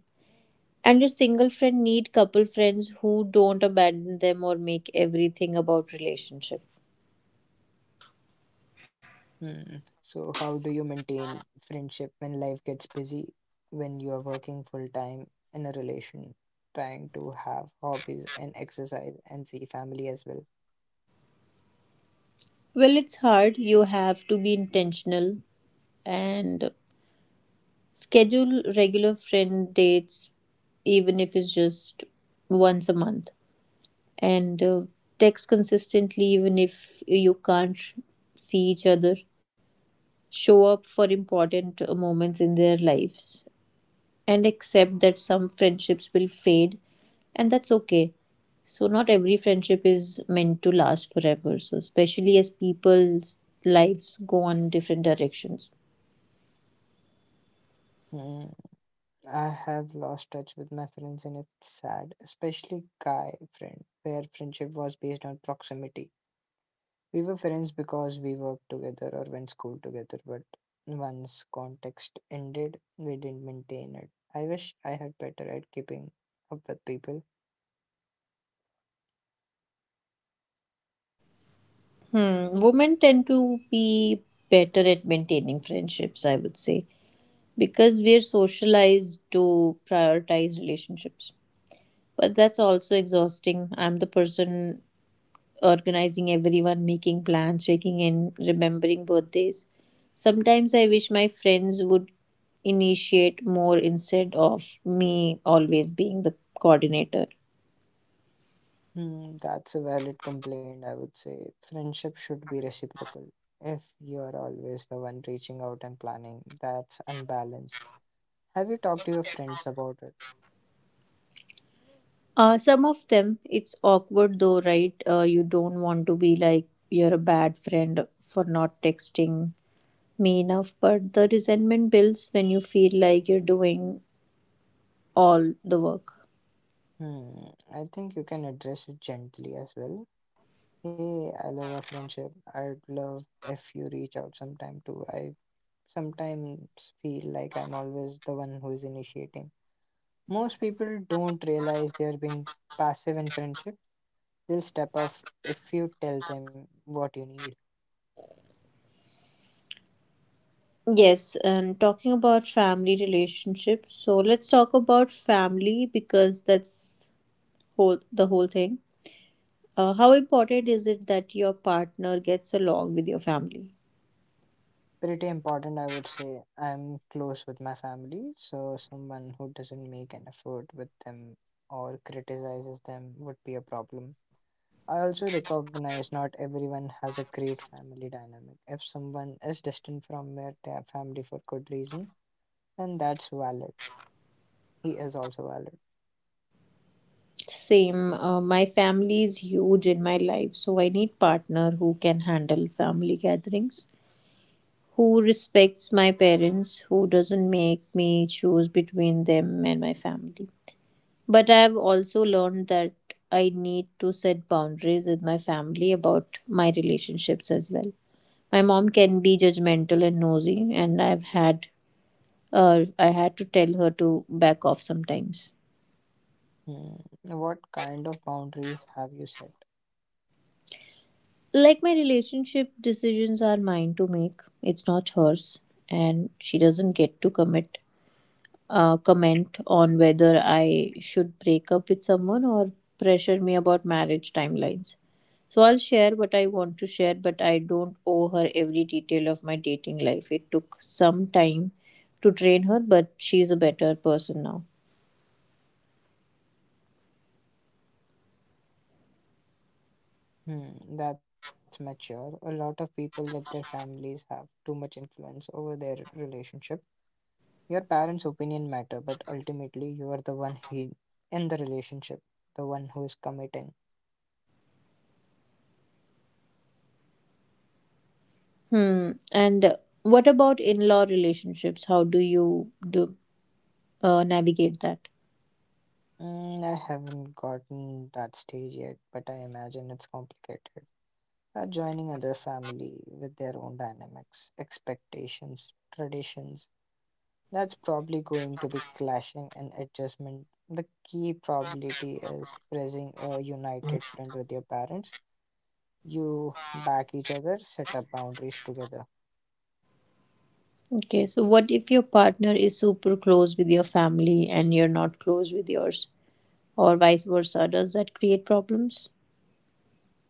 And your single friend need couple friends who don't abandon them or make everything about relationship.
Hmm. So, how do you maintain friendship when life gets busy, when you are working full time in a relation, trying to have hobbies and exercise and see family as well?
Well, it's hard. You have to be intentional and schedule regular friend dates, even if it's just once a month. And text consistently even if you can't see each other, show up for important moments in their lives, and accept that some friendships will fade, and that's okay. So not every friendship is meant to last forever, so especially as people's lives go on different directions.
Hmm. I have lost touch with my friends and it's sad, especially guy friend, where friendship was based on proximity. We were friends because we worked together or went school together, but once context ended, we didn't maintain it. I wish I had better at keeping up with people.
Hmm. Women tend to be better at maintaining friendships, I would say, because we're socialized to prioritize relationships. But that's also exhausting. I'm the person organizing everyone, making plans, checking in, remembering birthdays. Sometimes I wish my friends would initiate more instead of me always being the coordinator.
That's a valid complaint, I would say. Friendship should be reciprocal. If you are always the one reaching out and planning, that's unbalanced. Have you talked to your friends about it?
Some of them, it's awkward though, right? You don't want to be like you're a bad friend for not texting me enough, but the resentment builds when you feel like you're doing all the work.
Hmm, I think you can address it gently as well. Hey, I love our friendship. I'd love if you reach out sometime too. I sometimes feel like I'm always the one who is initiating. Most people don't realize they're being passive in friendship. They'll step up if you tell them what you need.
Yes, and talking about family relationships. So let's talk about family, because that's whole the whole thing. How important is it that your partner gets along with your family?
Pretty important, I would say. I'm close with my family, so someone who doesn't make an effort with them or criticizes them would be a problem. I also recognize not everyone has a great family dynamic. If someone is distant from their family for good reason, then that's valid. He is also valid.
Same. My family is huge in my life, so I need partner who can handle family gatherings, who respects my parents, who doesn't make me choose between them and my family. But I've also learned that I need to set boundaries with my family about my relationships as well. My mom can be judgmental and nosy, and I had to tell her to back off sometimes.
Hmm. What kind of boundaries have you set?
Like my relationship decisions are mine to make. It's not hers, and she doesn't get to commit comment on whether I should break up with someone or pressure me about marriage timelines. So I'll share what I want to share, but I don't owe her every detail of my dating life. It took some time to train her, but she's a better person now.
Hmm, that's mature. A lot of people let their families have too much influence over their relationship. Your parents' opinion matter, but ultimately you are the one he in the relationship, the one who is committing.
Hmm. And what about in-law relationships? How do you do navigate that?
I haven't gotten that stage yet, but I imagine it's complicated. Joining other family with their own dynamics, expectations, traditions. That's probably going to be clashing and adjustment. The key probability is pressing a united front with your parents. You back each other, set up boundaries together.
Okay, so what if your partner is super close with your family and you're not close with yours, or vice versa? Does that create problems?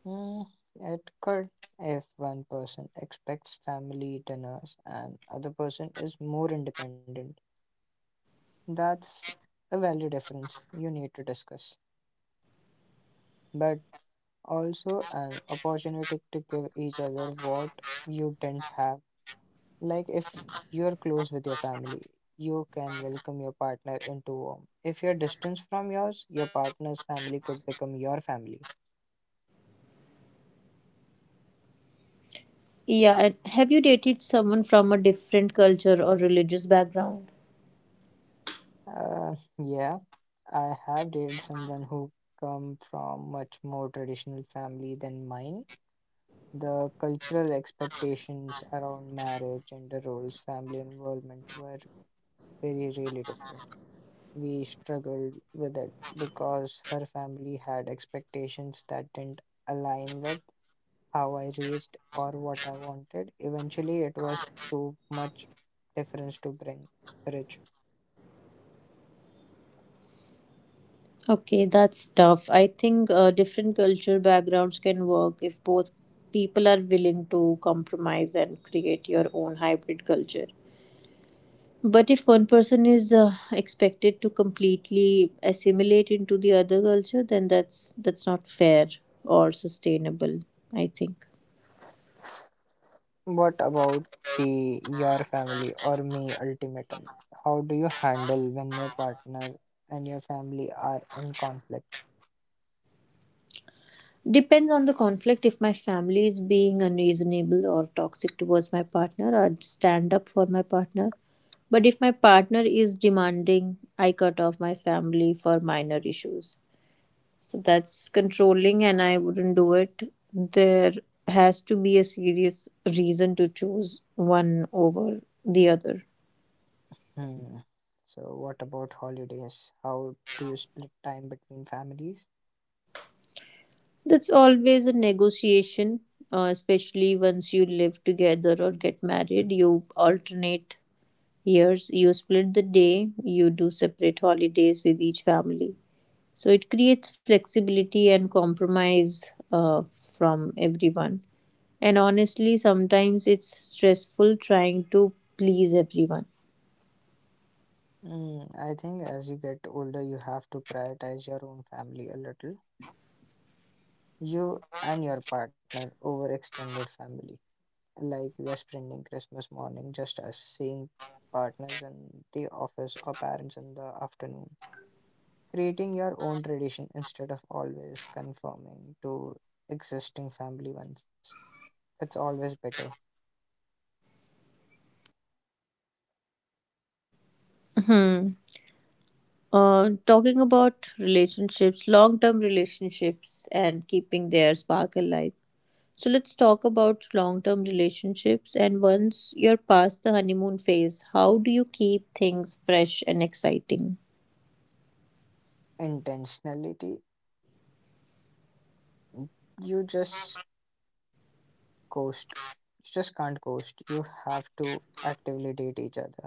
Mm, it could if one person expects family dinners and other person is more independent. That's a value difference you need to discuss, but also an opportunity to give each other what you didn't have. Like if you're close with your family, you can welcome your partner into home. If you're distant from yours, your partner's family could become your family.
Yeah, and have you dated someone from a different culture or religious background?
Yeah, I have dated someone who come from much more traditional family than mine. The cultural expectations around marriage, gender roles, family involvement were very really different. We struggled with it because her family had expectations that didn't align with how I raised or what I wanted. Eventually, it was too much difference to bring bridge.
Okay, that's tough. I think different culture backgrounds can work if both people are willing to compromise and create your own hybrid culture. But if one person is expected to completely assimilate into the other culture, then that's not fair or sustainable, I think.
What about the your family or me ultimatum? How do you handle when your partner and your family are in conflict?
Depends on the conflict. If my family is being unreasonable or toxic towards my partner, I'd stand up for my partner. But if my partner is demanding, I cut off my family for minor issues. So that's controlling, and I wouldn't do it. There has to be a serious reason to choose one over the other.
Hmm. So what about holidays? How do you split time between families?
That's always a negotiation, especially once you live together or get married. You alternate years, you split the day, you do separate holidays with each family. So it creates flexibility and compromise from everyone. And honestly, sometimes it's stressful trying to please everyone.
I think as you get older, you have to prioritize your own family a little. You and your partner over extended family. Like we are spending Christmas morning just as seeing partners in the office or parents in the afternoon. Creating your own tradition instead of always conforming to existing family ones. It's always better.
Hmm. Talking about relationships, long term relationships, and keeping their spark alive. So let's talk about long-term relationships, and once you're past the honeymoon phase, how do you keep things fresh and exciting?
Intentionality, you just coast. You just can't coast. You have to actively date each other,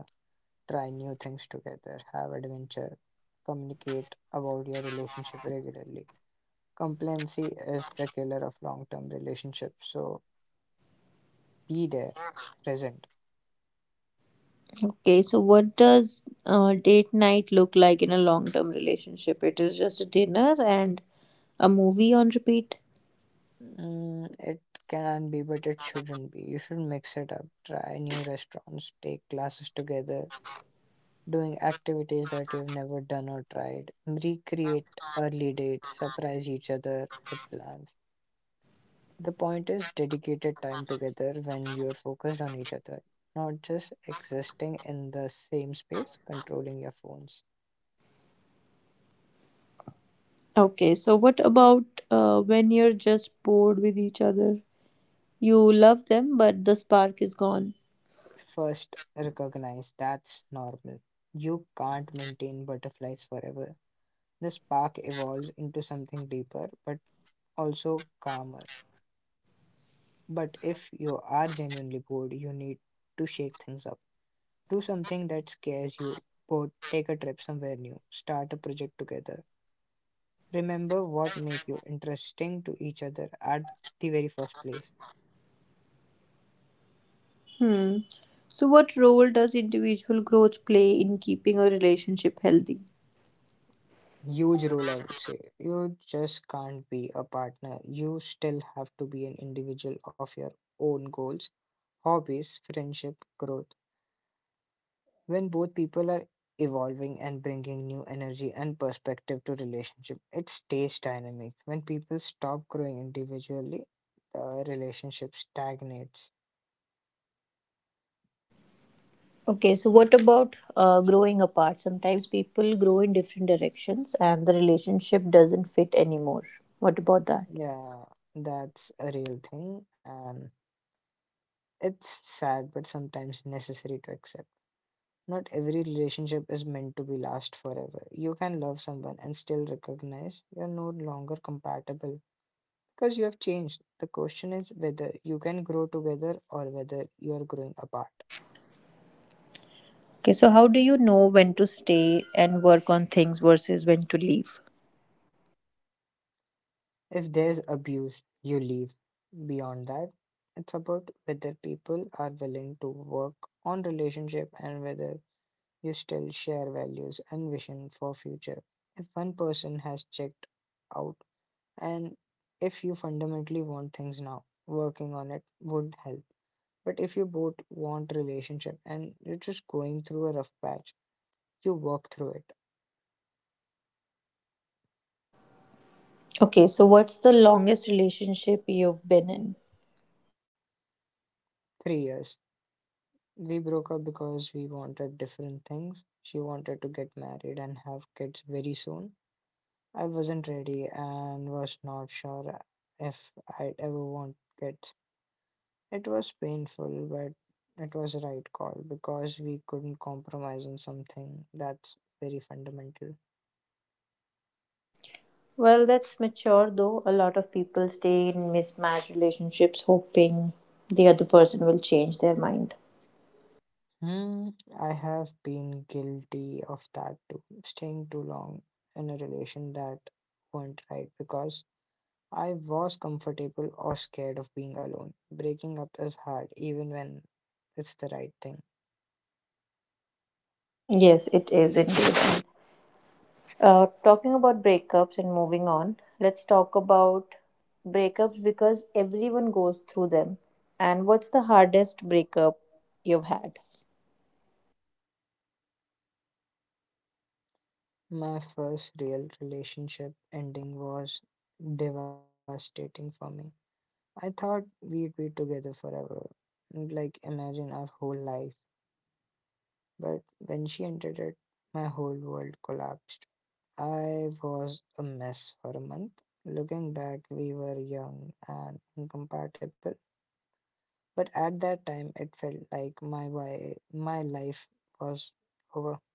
try new things together, have adventure, communicate about your relationship regularly. Complacency is the killer of long term relationships, so be there, present.
Okay, so what does date night look like in a long-term relationship? It is just a dinner and a movie on repeat.
Mm, it can be, but it shouldn't be. You should mix it up. Try new restaurants, take classes together, doing activities that you've never done or tried. Recreate early dates, surprise each other with plans. The point is dedicated time together when you're focused on each other, not just existing in the same space, controlling your phones.
Okay, so what about when you're just bored with each other? You love them, but the spark is gone.
First, recognize that's normal. You can't maintain butterflies forever. The spark evolves into something deeper but also calmer. But if you are genuinely bored, you need to shake things up. Do something that scares you, bored, take a trip somewhere new, start a project together. Remember what make you interesting to each other at the very first place.
Hmm. So, what role does individual growth play in keeping a relationship healthy?
Huge role, I would say. You just can't be a partner. You still have to be an individual of your own goals, hobbies, friendship, growth. When both people are evolving and bringing new energy and perspective to relationship, it stays dynamic. When people stop growing individually, the relationship stagnates.
Okay, so what about growing apart? Sometimes people grow in different directions and the relationship doesn't fit anymore. What about that?
Yeah, that's a real thing and it's sad, but sometimes necessary to accept. Not every relationship is meant to be last forever. You can love someone and still recognize you're no longer compatible because you have changed. The question is whether you can grow together or whether you are growing apart.
Okay, so how do you know when to stay and work on things versus when to leave?
If there's abuse, you leave. Beyond that, it's about whether people are willing to work on relationship and whether you still share values and vision for future. If one person has checked out and if you fundamentally want things now, working on it would help. But if you both want relationship and you're just going through a rough patch, you work through it.
Okay, so what's the longest relationship you've been in?
3 years. We broke up because we wanted different things. She wanted to get married and have kids very soon. I wasn't ready and was not sure if I'd ever want kids. It was painful, but it was a right call because we couldn't compromise on something that's very fundamental.
Well, that's mature though. A lot of people stay in mismatched relationships hoping the other person will change their mind.
Hmm, I have been guilty of that too, staying too long in a relation that weren't right because I was comfortable or scared of being alone. Breaking up is hard, even when it's the right thing.
Yes, it is indeed. Talking about breakups and moving on, let's talk about breakups because everyone goes through them. And what's the hardest breakup you've had?
My first real relationship ending was devastating for me. I thought we'd be together forever, like imagine our whole life. But when she entered it, my whole world collapsed. I was a mess for a month. Looking back, we were young and incompatible, but at that time, it felt like my why, my life was over.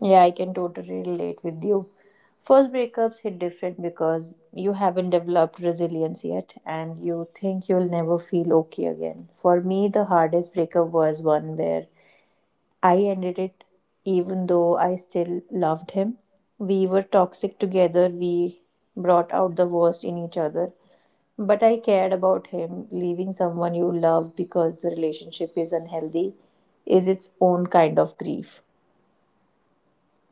Yeah, I can totally relate with you. First breakups hit different because you haven't developed resilience yet and you think you'll never feel okay again. For me, the hardest breakup was one where I ended it even though I still loved him. We were toxic together, we brought out the worst in each other. But I cared about him. Leaving someone you love because the relationship is unhealthy is its own kind of grief.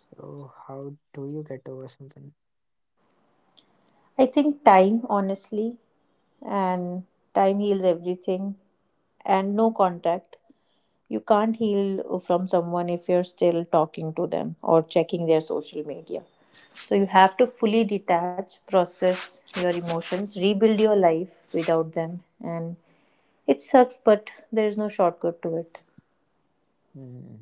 So how do you get over something?
I think time, honestly, and time heals everything, and no contact. You can't heal from someone if you're still talking to them or checking their social media. So you have to fully detach, process your emotions, rebuild your life without them. And it sucks, but there's no shortcut to it.
Hmm.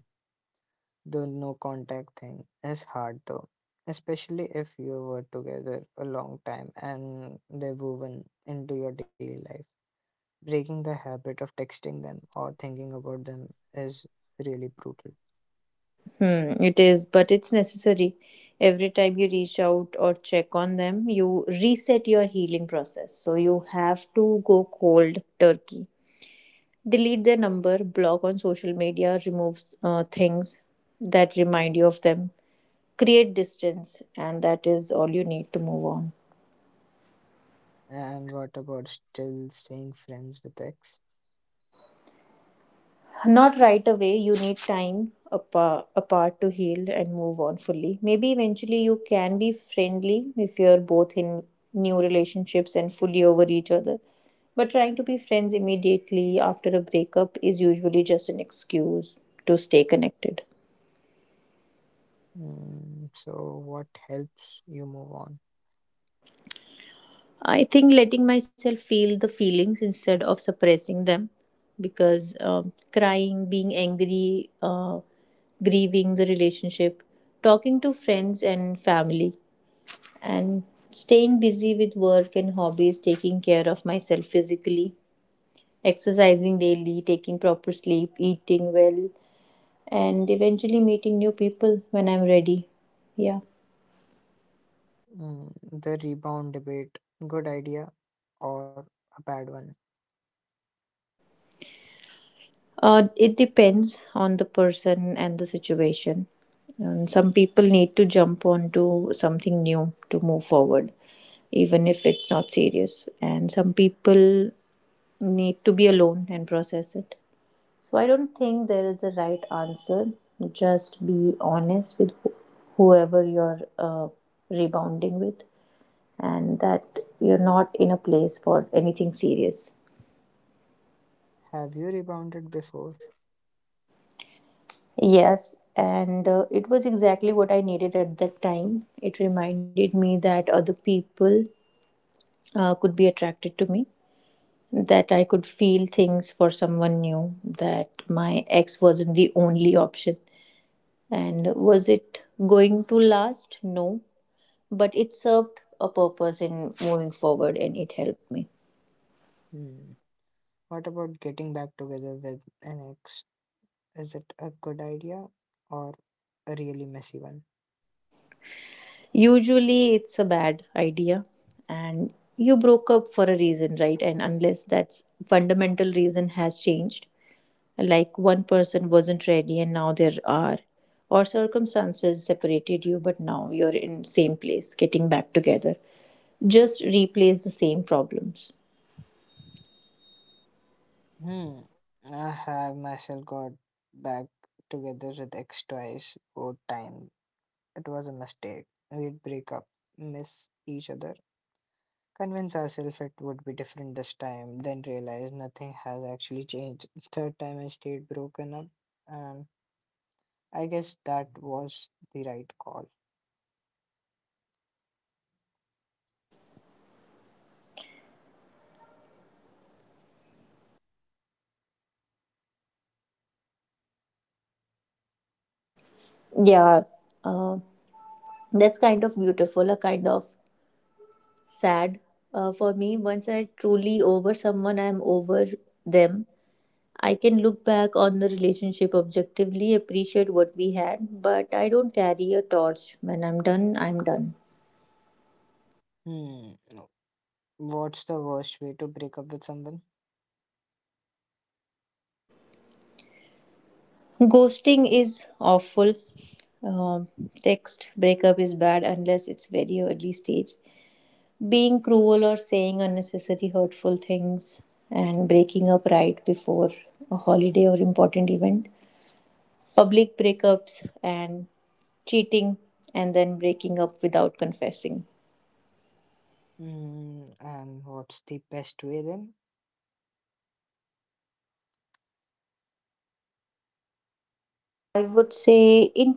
The no contact thing is hard though, especially if you were together a long time and they're woven into your daily life. Breaking the habit of texting them or thinking about them is really brutal.
Hmm, it is, but it's necessary. Every time you reach out or check on them, you reset your healing process. So you have to go cold turkey. Delete their number, block on social media, remove things that remind you of them, create distance, and that is all you need to move on.
And what about still staying friends with ex?
Not right away, you need time apart to heal and move on fully. Maybe eventually you can be friendly if you're both in new relationships and fully over each other. But trying to be friends immediately after a breakup is usually just an excuse to stay connected.
Hmm. So what helps you move on?
I think letting myself feel the feelings instead of suppressing them, because crying, being angry, grieving the relationship, talking to friends and family, and staying busy with work and hobbies, taking care of myself physically, exercising daily, taking proper sleep, eating well, and eventually meeting new people when I'm ready. Yeah.
Mm, the rebound debate. Good idea or a bad one?
It depends on the person and the situation. And some people need to jump onto something new to move forward, even if it's not serious. And some people need to be alone and process it. So I don't think there is a right answer. Just be honest with whoever you're rebounding with, and that you're not in a place for anything serious.
Have you rebounded before?
Yes, and it was exactly what I needed at that time. It reminded me that other people could be attracted to me, that I could feel things for someone new, that my ex wasn't the only option. And was it going to last? No, but it served a purpose in moving forward and it helped me.
Hmm. What about getting back together with an ex? Is it a good idea or a really messy one?
Usually, it's a bad idea, and you broke up for a reason, right? And unless that fundamental reason has changed, like one person wasn't ready and now there are, or circumstances separated you, but now you're in same place, getting back together just replays the same problems.
Hmm. I have myself got back together with ex twice. Both time it was a mistake. We'd break up, miss each other, convince ourselves it would be different this time, then realize nothing has actually changed. Third time I stayed broken up, and I guess that was the right call.
Yeah, uh, that's kind of beautiful, a kind of sad. For me, once I truly over someone, I'm over them. I can look back on the relationship objectively, appreciate what we had, but I don't carry a torch. When I'm done, I'm done.
Hmm. No. What's the worst way to break up with someone?
Ghosting is awful. Um, text breakup is bad unless it's very early stage. Being cruel or saying unnecessary hurtful things, and breaking up right before a holiday or important event. Public breakups and cheating, and then breaking up without confessing.
Hmm. And what's the best way then?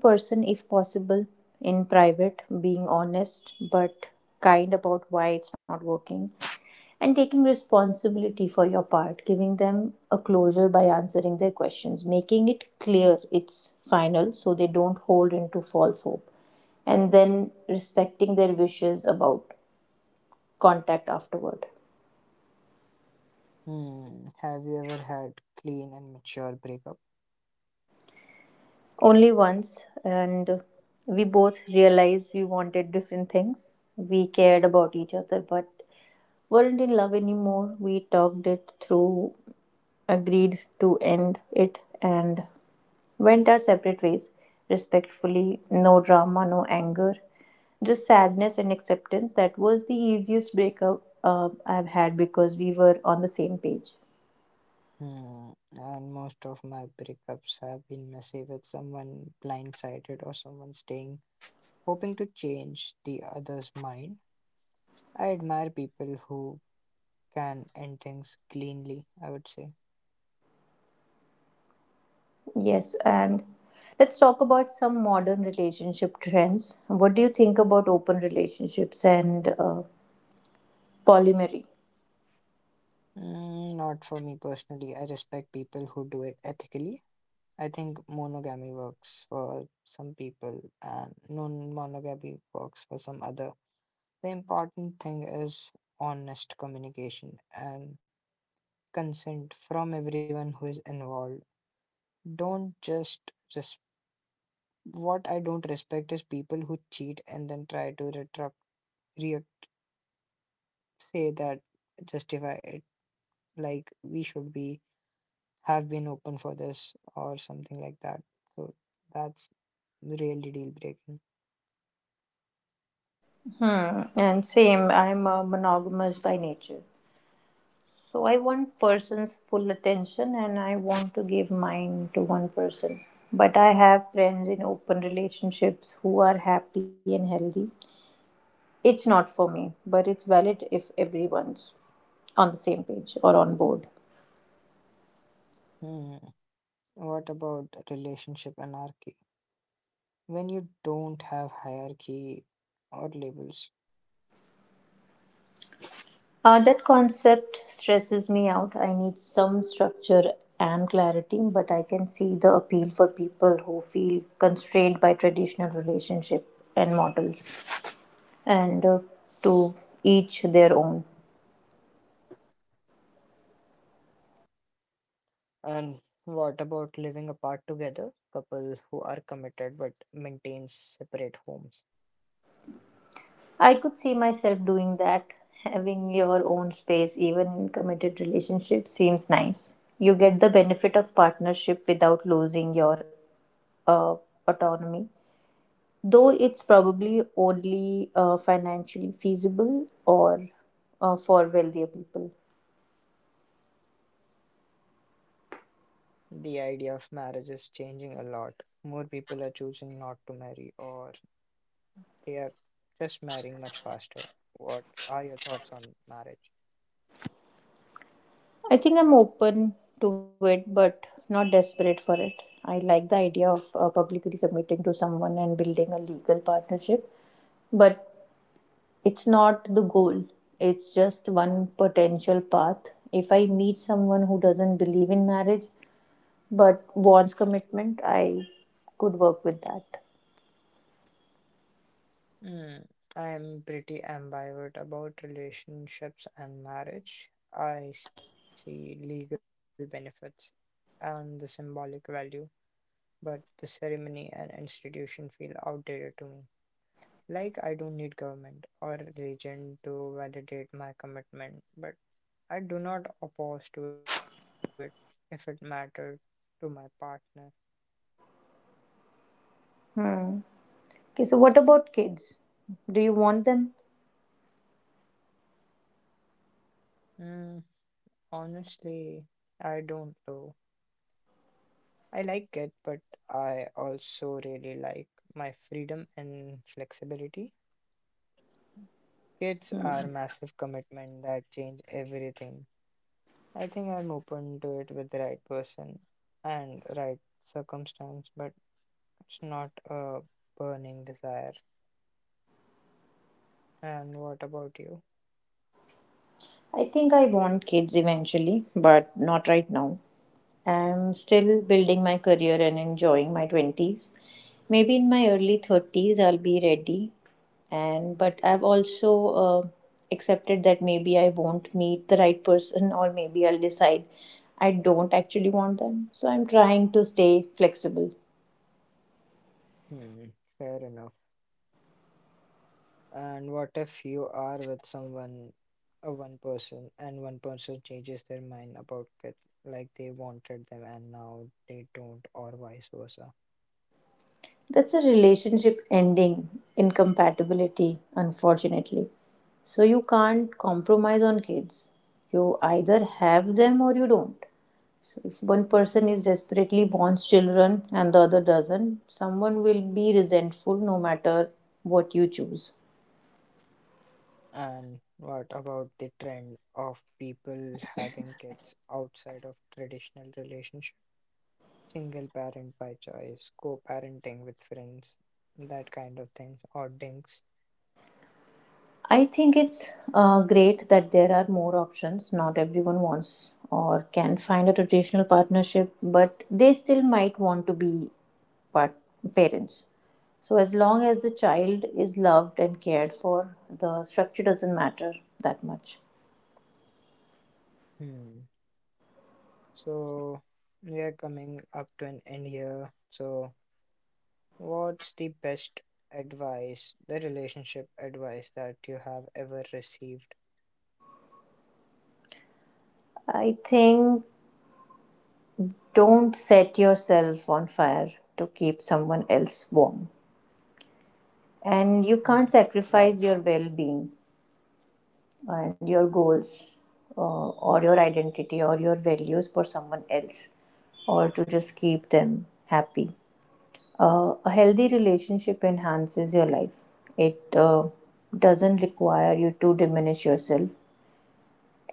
Person if possible, in private, being honest but kind about why it's not working, and taking responsibility for your part. Giving them a closure by answering their questions, making it clear it's final so they don't hold into false hope, and then respecting their wishes about contact afterward.
Hmm. Have you ever had clean and mature breakup?
Only once, and we both realized we wanted different things. We cared about each other but weren't in love anymore. We talked it through, agreed to end it, and went our separate ways respectfully. No drama, no anger, just sadness and acceptance. That was the easiest breakup I've had because we were on the same page.
Hmm. And most of my breakups have been messy, with someone blindsided or someone staying hoping to change the other's mind. I admire people who can end things cleanly, I would say.
Yes, and let's talk about some modern relationship trends. What do you think about open relationships and polyamory?
Not for me personally. I respect people who do it ethically. I think monogamy works for some people and non monogamy works for some other. The important thing is honest communication and consent from everyone who is involved. Don't just res- what I don't respect is people who cheat and then try to retract re- say that justify it, like we should be have been open for this or something like that. So that's really deal breaking.
Hmm, and same, I'm monogamous by nature. So I want person's full attention and I want to give mine to one person. But I have friends in open relationships who are happy and healthy. It's not for me, but it's valid if everyone's on the same page or on board.
Hmm. What about relationship anarchy? When you don't have hierarchy or labels.
That concept stresses me out. I need some structure and clarity, but I can see the appeal for people who feel constrained by traditional relationship and models, and to each their own.
And what about living apart together? Couple who are committed but maintain separate homes.
I could see myself doing that. Having your own space, even in committed relationships, seems nice. You get the benefit of partnership without losing your uh, autonomy, though it's probably only financially feasible or for wealthier people.
The idea of marriage is changing a lot. More people are choosing not to marry or they are just marrying much faster. What are your thoughts on marriage?
I think I'm open to it, but not desperate for it. I like the idea of publicly committing to someone and building a legal partnership, but it's not the goal, it's just one potential path. If I meet someone who doesn't believe in marriage but wants commitment, I could work with that.
Hmm, I'm pretty ambivalent about relationships and marriage. I see legal benefits and the symbolic value, but the ceremony and institution feel outdated to me. Like, I don't need government or religion to validate my commitment, but I do not oppose to it if it mattered to my partner.
Hmm. Okay, so what about kids? Do you want them?
Hmm, Honestly, I don't know. I like it, but I also really like my freedom and flexibility. Kids are massive commitment that change everything. I think I'm open to it with the right person and right circumstance, but it's not a burning desire. And what about you?
I think I want kids eventually, but not right now. I'm still building my career and enjoying my 20s. Maybe in my early 30s I'll be ready, and but I've also accepted that maybe I won't meet the right person, or maybe I'll decide I don't actually want them. So I'm trying to stay flexible.
Hmm, fair enough. And what if you are with someone, one person, and one person changes their mind about it, like they wanted them and now they don't, or vice versa?
That's a relationship ending incompatibility, unfortunately. So you can't compromise on kids. You either have them or you don't. So if one person is desperately wants children and the other doesn't, someone will be resentful no matter what you choose.
And what about the trend of people having kids outside of traditional relationship? Single parent by choice, co-parenting with friends, that kind of things, or dinks.
I think it's great that there are more options. Not everyone wants or can find a traditional partnership, but they still might want to be part- parents. So, as long as the child is loved and cared for, the structure doesn't matter that much.
Hmm. So we are coming up to an end here. What's the best advice, the relationship advice that you have ever received?
I think don't set yourself on fire to keep someone else warm. And you can't
Mm.
sacrifice
Wow.
your well being and your goals or your identity or your values for someone else or to just keep them happy. A healthy relationship enhances your life. It doesn't require you to diminish yourself.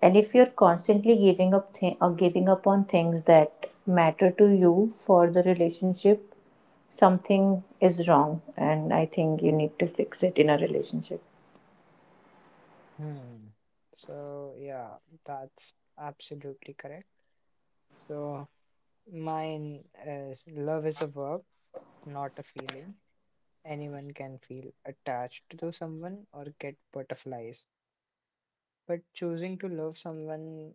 And if you're constantly giving up or giving up on things that matter to you for the relationship, something is wrong, and I think you need to fix it in a relationship.
Hmm. So yeah, that's absolutely correct. So mine is love is a verb, not a feeling. Anyone can feel attached to someone or get butterflies, but choosing to love someone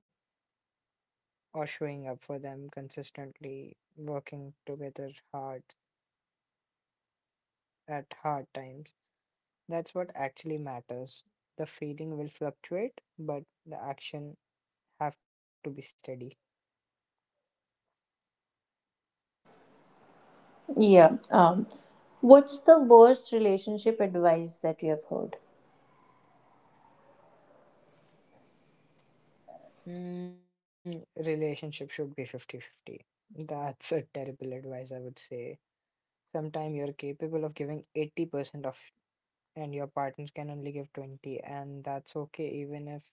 or showing up for them consistently, working together hard at hard times, that's what actually matters. The feeling will fluctuate, but the action have to be steady.
Yeah. What's the worst relationship advice that you have heard?
Relationship should be 50-50. That's a terrible advice, I would say. Sometimes you're capable of giving 80% of and your partner can only give 20, and that's okay even if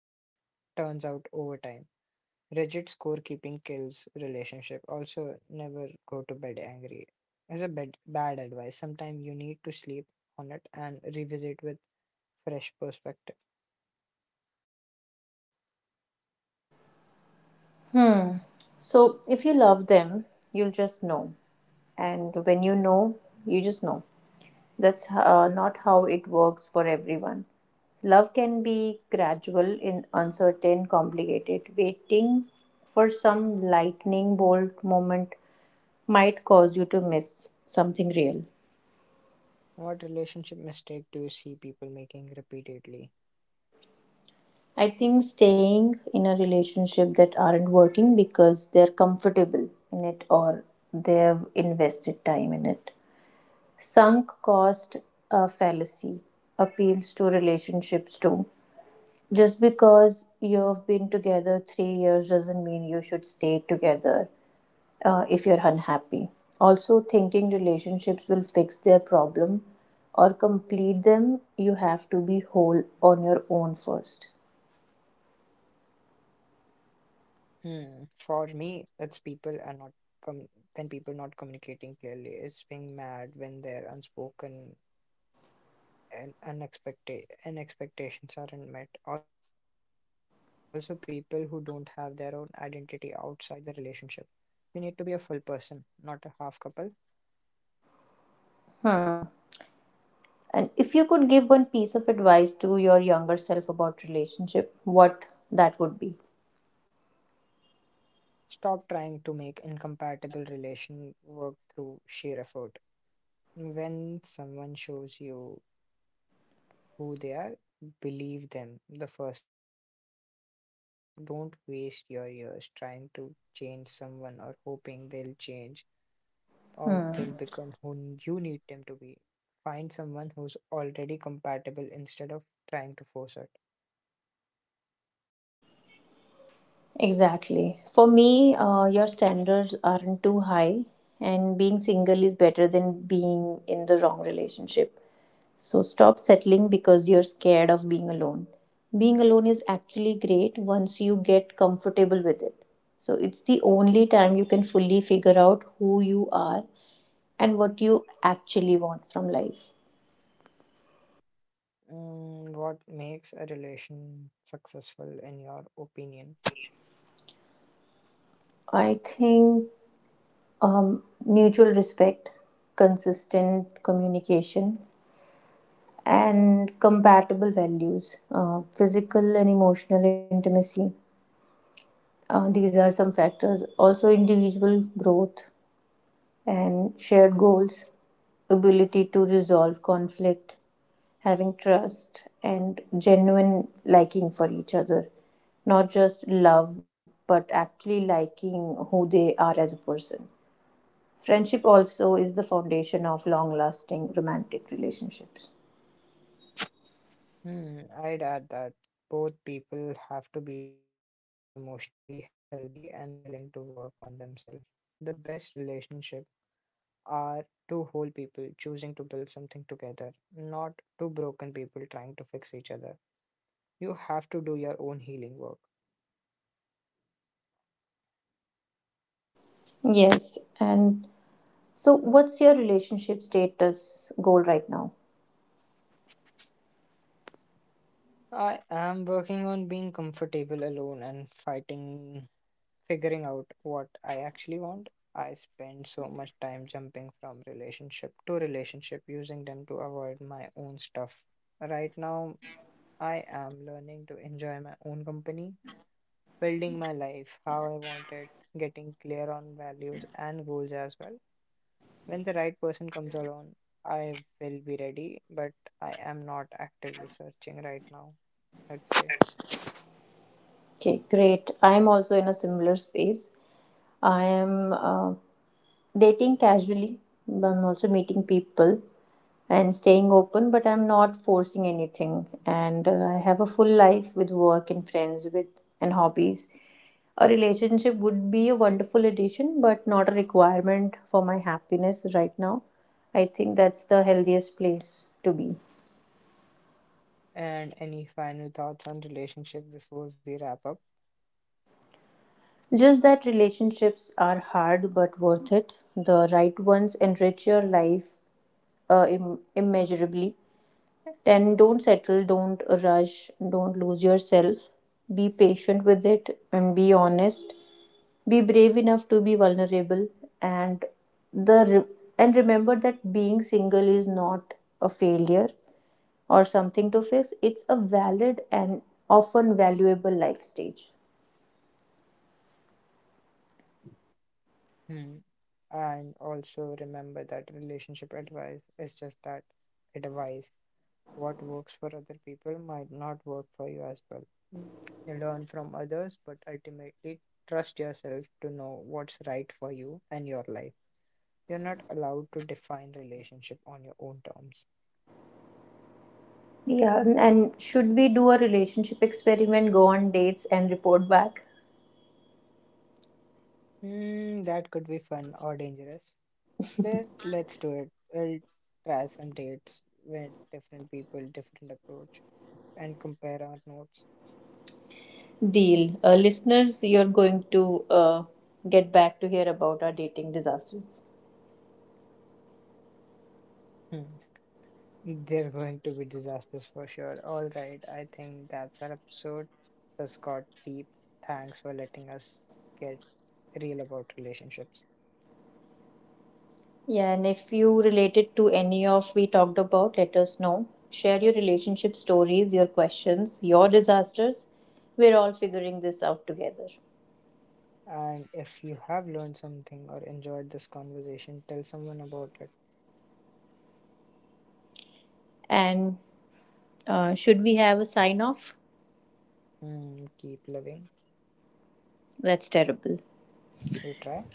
turns out over time. Rigid scorekeeping kills relationship. Also, never go to bed angry. Is a bad bad advice. Sometimes you need to sleep on it and revisit with fresh perspective.
So, if you love them, you'll just know. And when you know, you just know. That's not how it works for everyone. Love can be gradual, in uncertain, complicated. Waiting for some lightning bolt moment might cause you to miss something real.
What relationship mistake do you see people making repeatedly?
I think staying in a relationship that aren't working because they're comfortable in it or they've invested time in it. Sunk cost fallacy appeals to relationships too. Just because you've been together 3 years doesn't mean you should stay together if you're unhappy. Also, thinking relationships will fix their problem or complete them, you have to be whole on your own first.
Hmm. For me, it's people are not com- when people not communicating clearly. It's being mad when their unspoken and unexpected and expectations aren't met. Also, people who don't have their own identity outside the relationship. You need to be a full person, not a half couple.
Hmm. And if you could give one piece of advice to your younger self about relationship, what that would be?
Stop trying to make incompatible relation work through sheer effort. When someone shows you who they are, believe them the first time. Don't waste your years trying to change someone or hoping they'll change or they'll become who you need them to be. Find someone who's already compatible instead of trying to force it.
Exactly. For me, your standards aren't too high, and being single is better than being in the wrong relationship. So stop settling because you're scared of being alone. Being alone is actually great once you get comfortable with it. So it's the only time you can fully figure out who you are and what you actually want from life.
What makes a relation successful in your opinion?
I think mutual respect, consistent communication, and compatible values, physical and emotional intimacy. These are some factors. Also, individual growth and shared goals, ability to resolve conflict, having trust, and genuine liking for each other. Not just love, but actually liking who they are as a person. Friendship also is the foundation of long lasting romantic relationships.
I'd add that both people have to be emotionally healthy and willing to work on themselves. The best relationship are two whole people choosing to build something together, not two broken people trying to fix each other. You have to do your own healing work.
Yes. And so, what's your relationship status goal right now?
I am working on being comfortable alone and fighting figuring out what I actually want. I spend so much time jumping from relationship to relationship, using them to avoid my own stuff. Right now, I am learning to enjoy my own company, building my life how I want it, getting clear on values and goals as well. When the right person comes along, I will be ready, but I am not actively searching right now, I'd say.
Okay, great. I am also in a similar space. I am dating casually, but I'm also meeting people and staying open, but I'm not forcing anything. And I have a full life with work and friends with and hobbies. A relationship would be a wonderful addition, but not a requirement for my happiness right now. I think that's the healthiest place to be.
And any final thoughts on relationship before we wrap up?
Just that relationships are hard but worth it. The right ones enrich your life immeasurably. Then don't settle, don't rush, don't lose yourself. Be patient with it and be honest. Be brave enough to be vulnerable, and the re- remember that being single is not a failure or something to fix. It's a valid and often valuable life stage.
Hmm. And also remember that relationship advice is just that, advice. What works for other people might not work for you as well. You learn from others, but ultimately trust yourself to know what's right for you and your life. You're not allowed to define relationship on your own terms.
Yeah, and should we do a relationship experiment, go on dates and report back?
Hmm, that could be fun or dangerous. Let's do it. We'll try some dates with different people, different approach, and compare our notes.
Deal. Listeners, you're going to get back to hear about our dating disasters.
Hmm. They're going to be disasters for sure. All right, I think that's our episode. This got deep. Thanks for letting us get real about relationships.
Yeah, and if you related to any of we talked about, let us know. Share your relationship stories, your questions, your disasters. We're all figuring this out together.
And if you have learned something or enjoyed this conversation, tell someone about it.
And should we have a sign off?
Hmm. Keep loving.
That's terrible.
You try.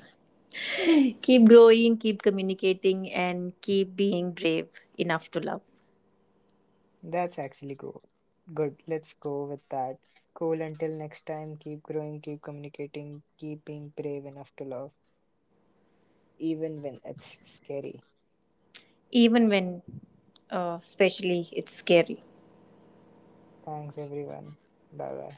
Keep growing, keep communicating, and keep being brave enough to love,
That's actually go good. Let's go with that. Cool. Until next time, keep growing, keep communicating, keep being brave enough to love, even when it's scary.
even when, especially, it's scary.
Thanks, everyone. Bye bye.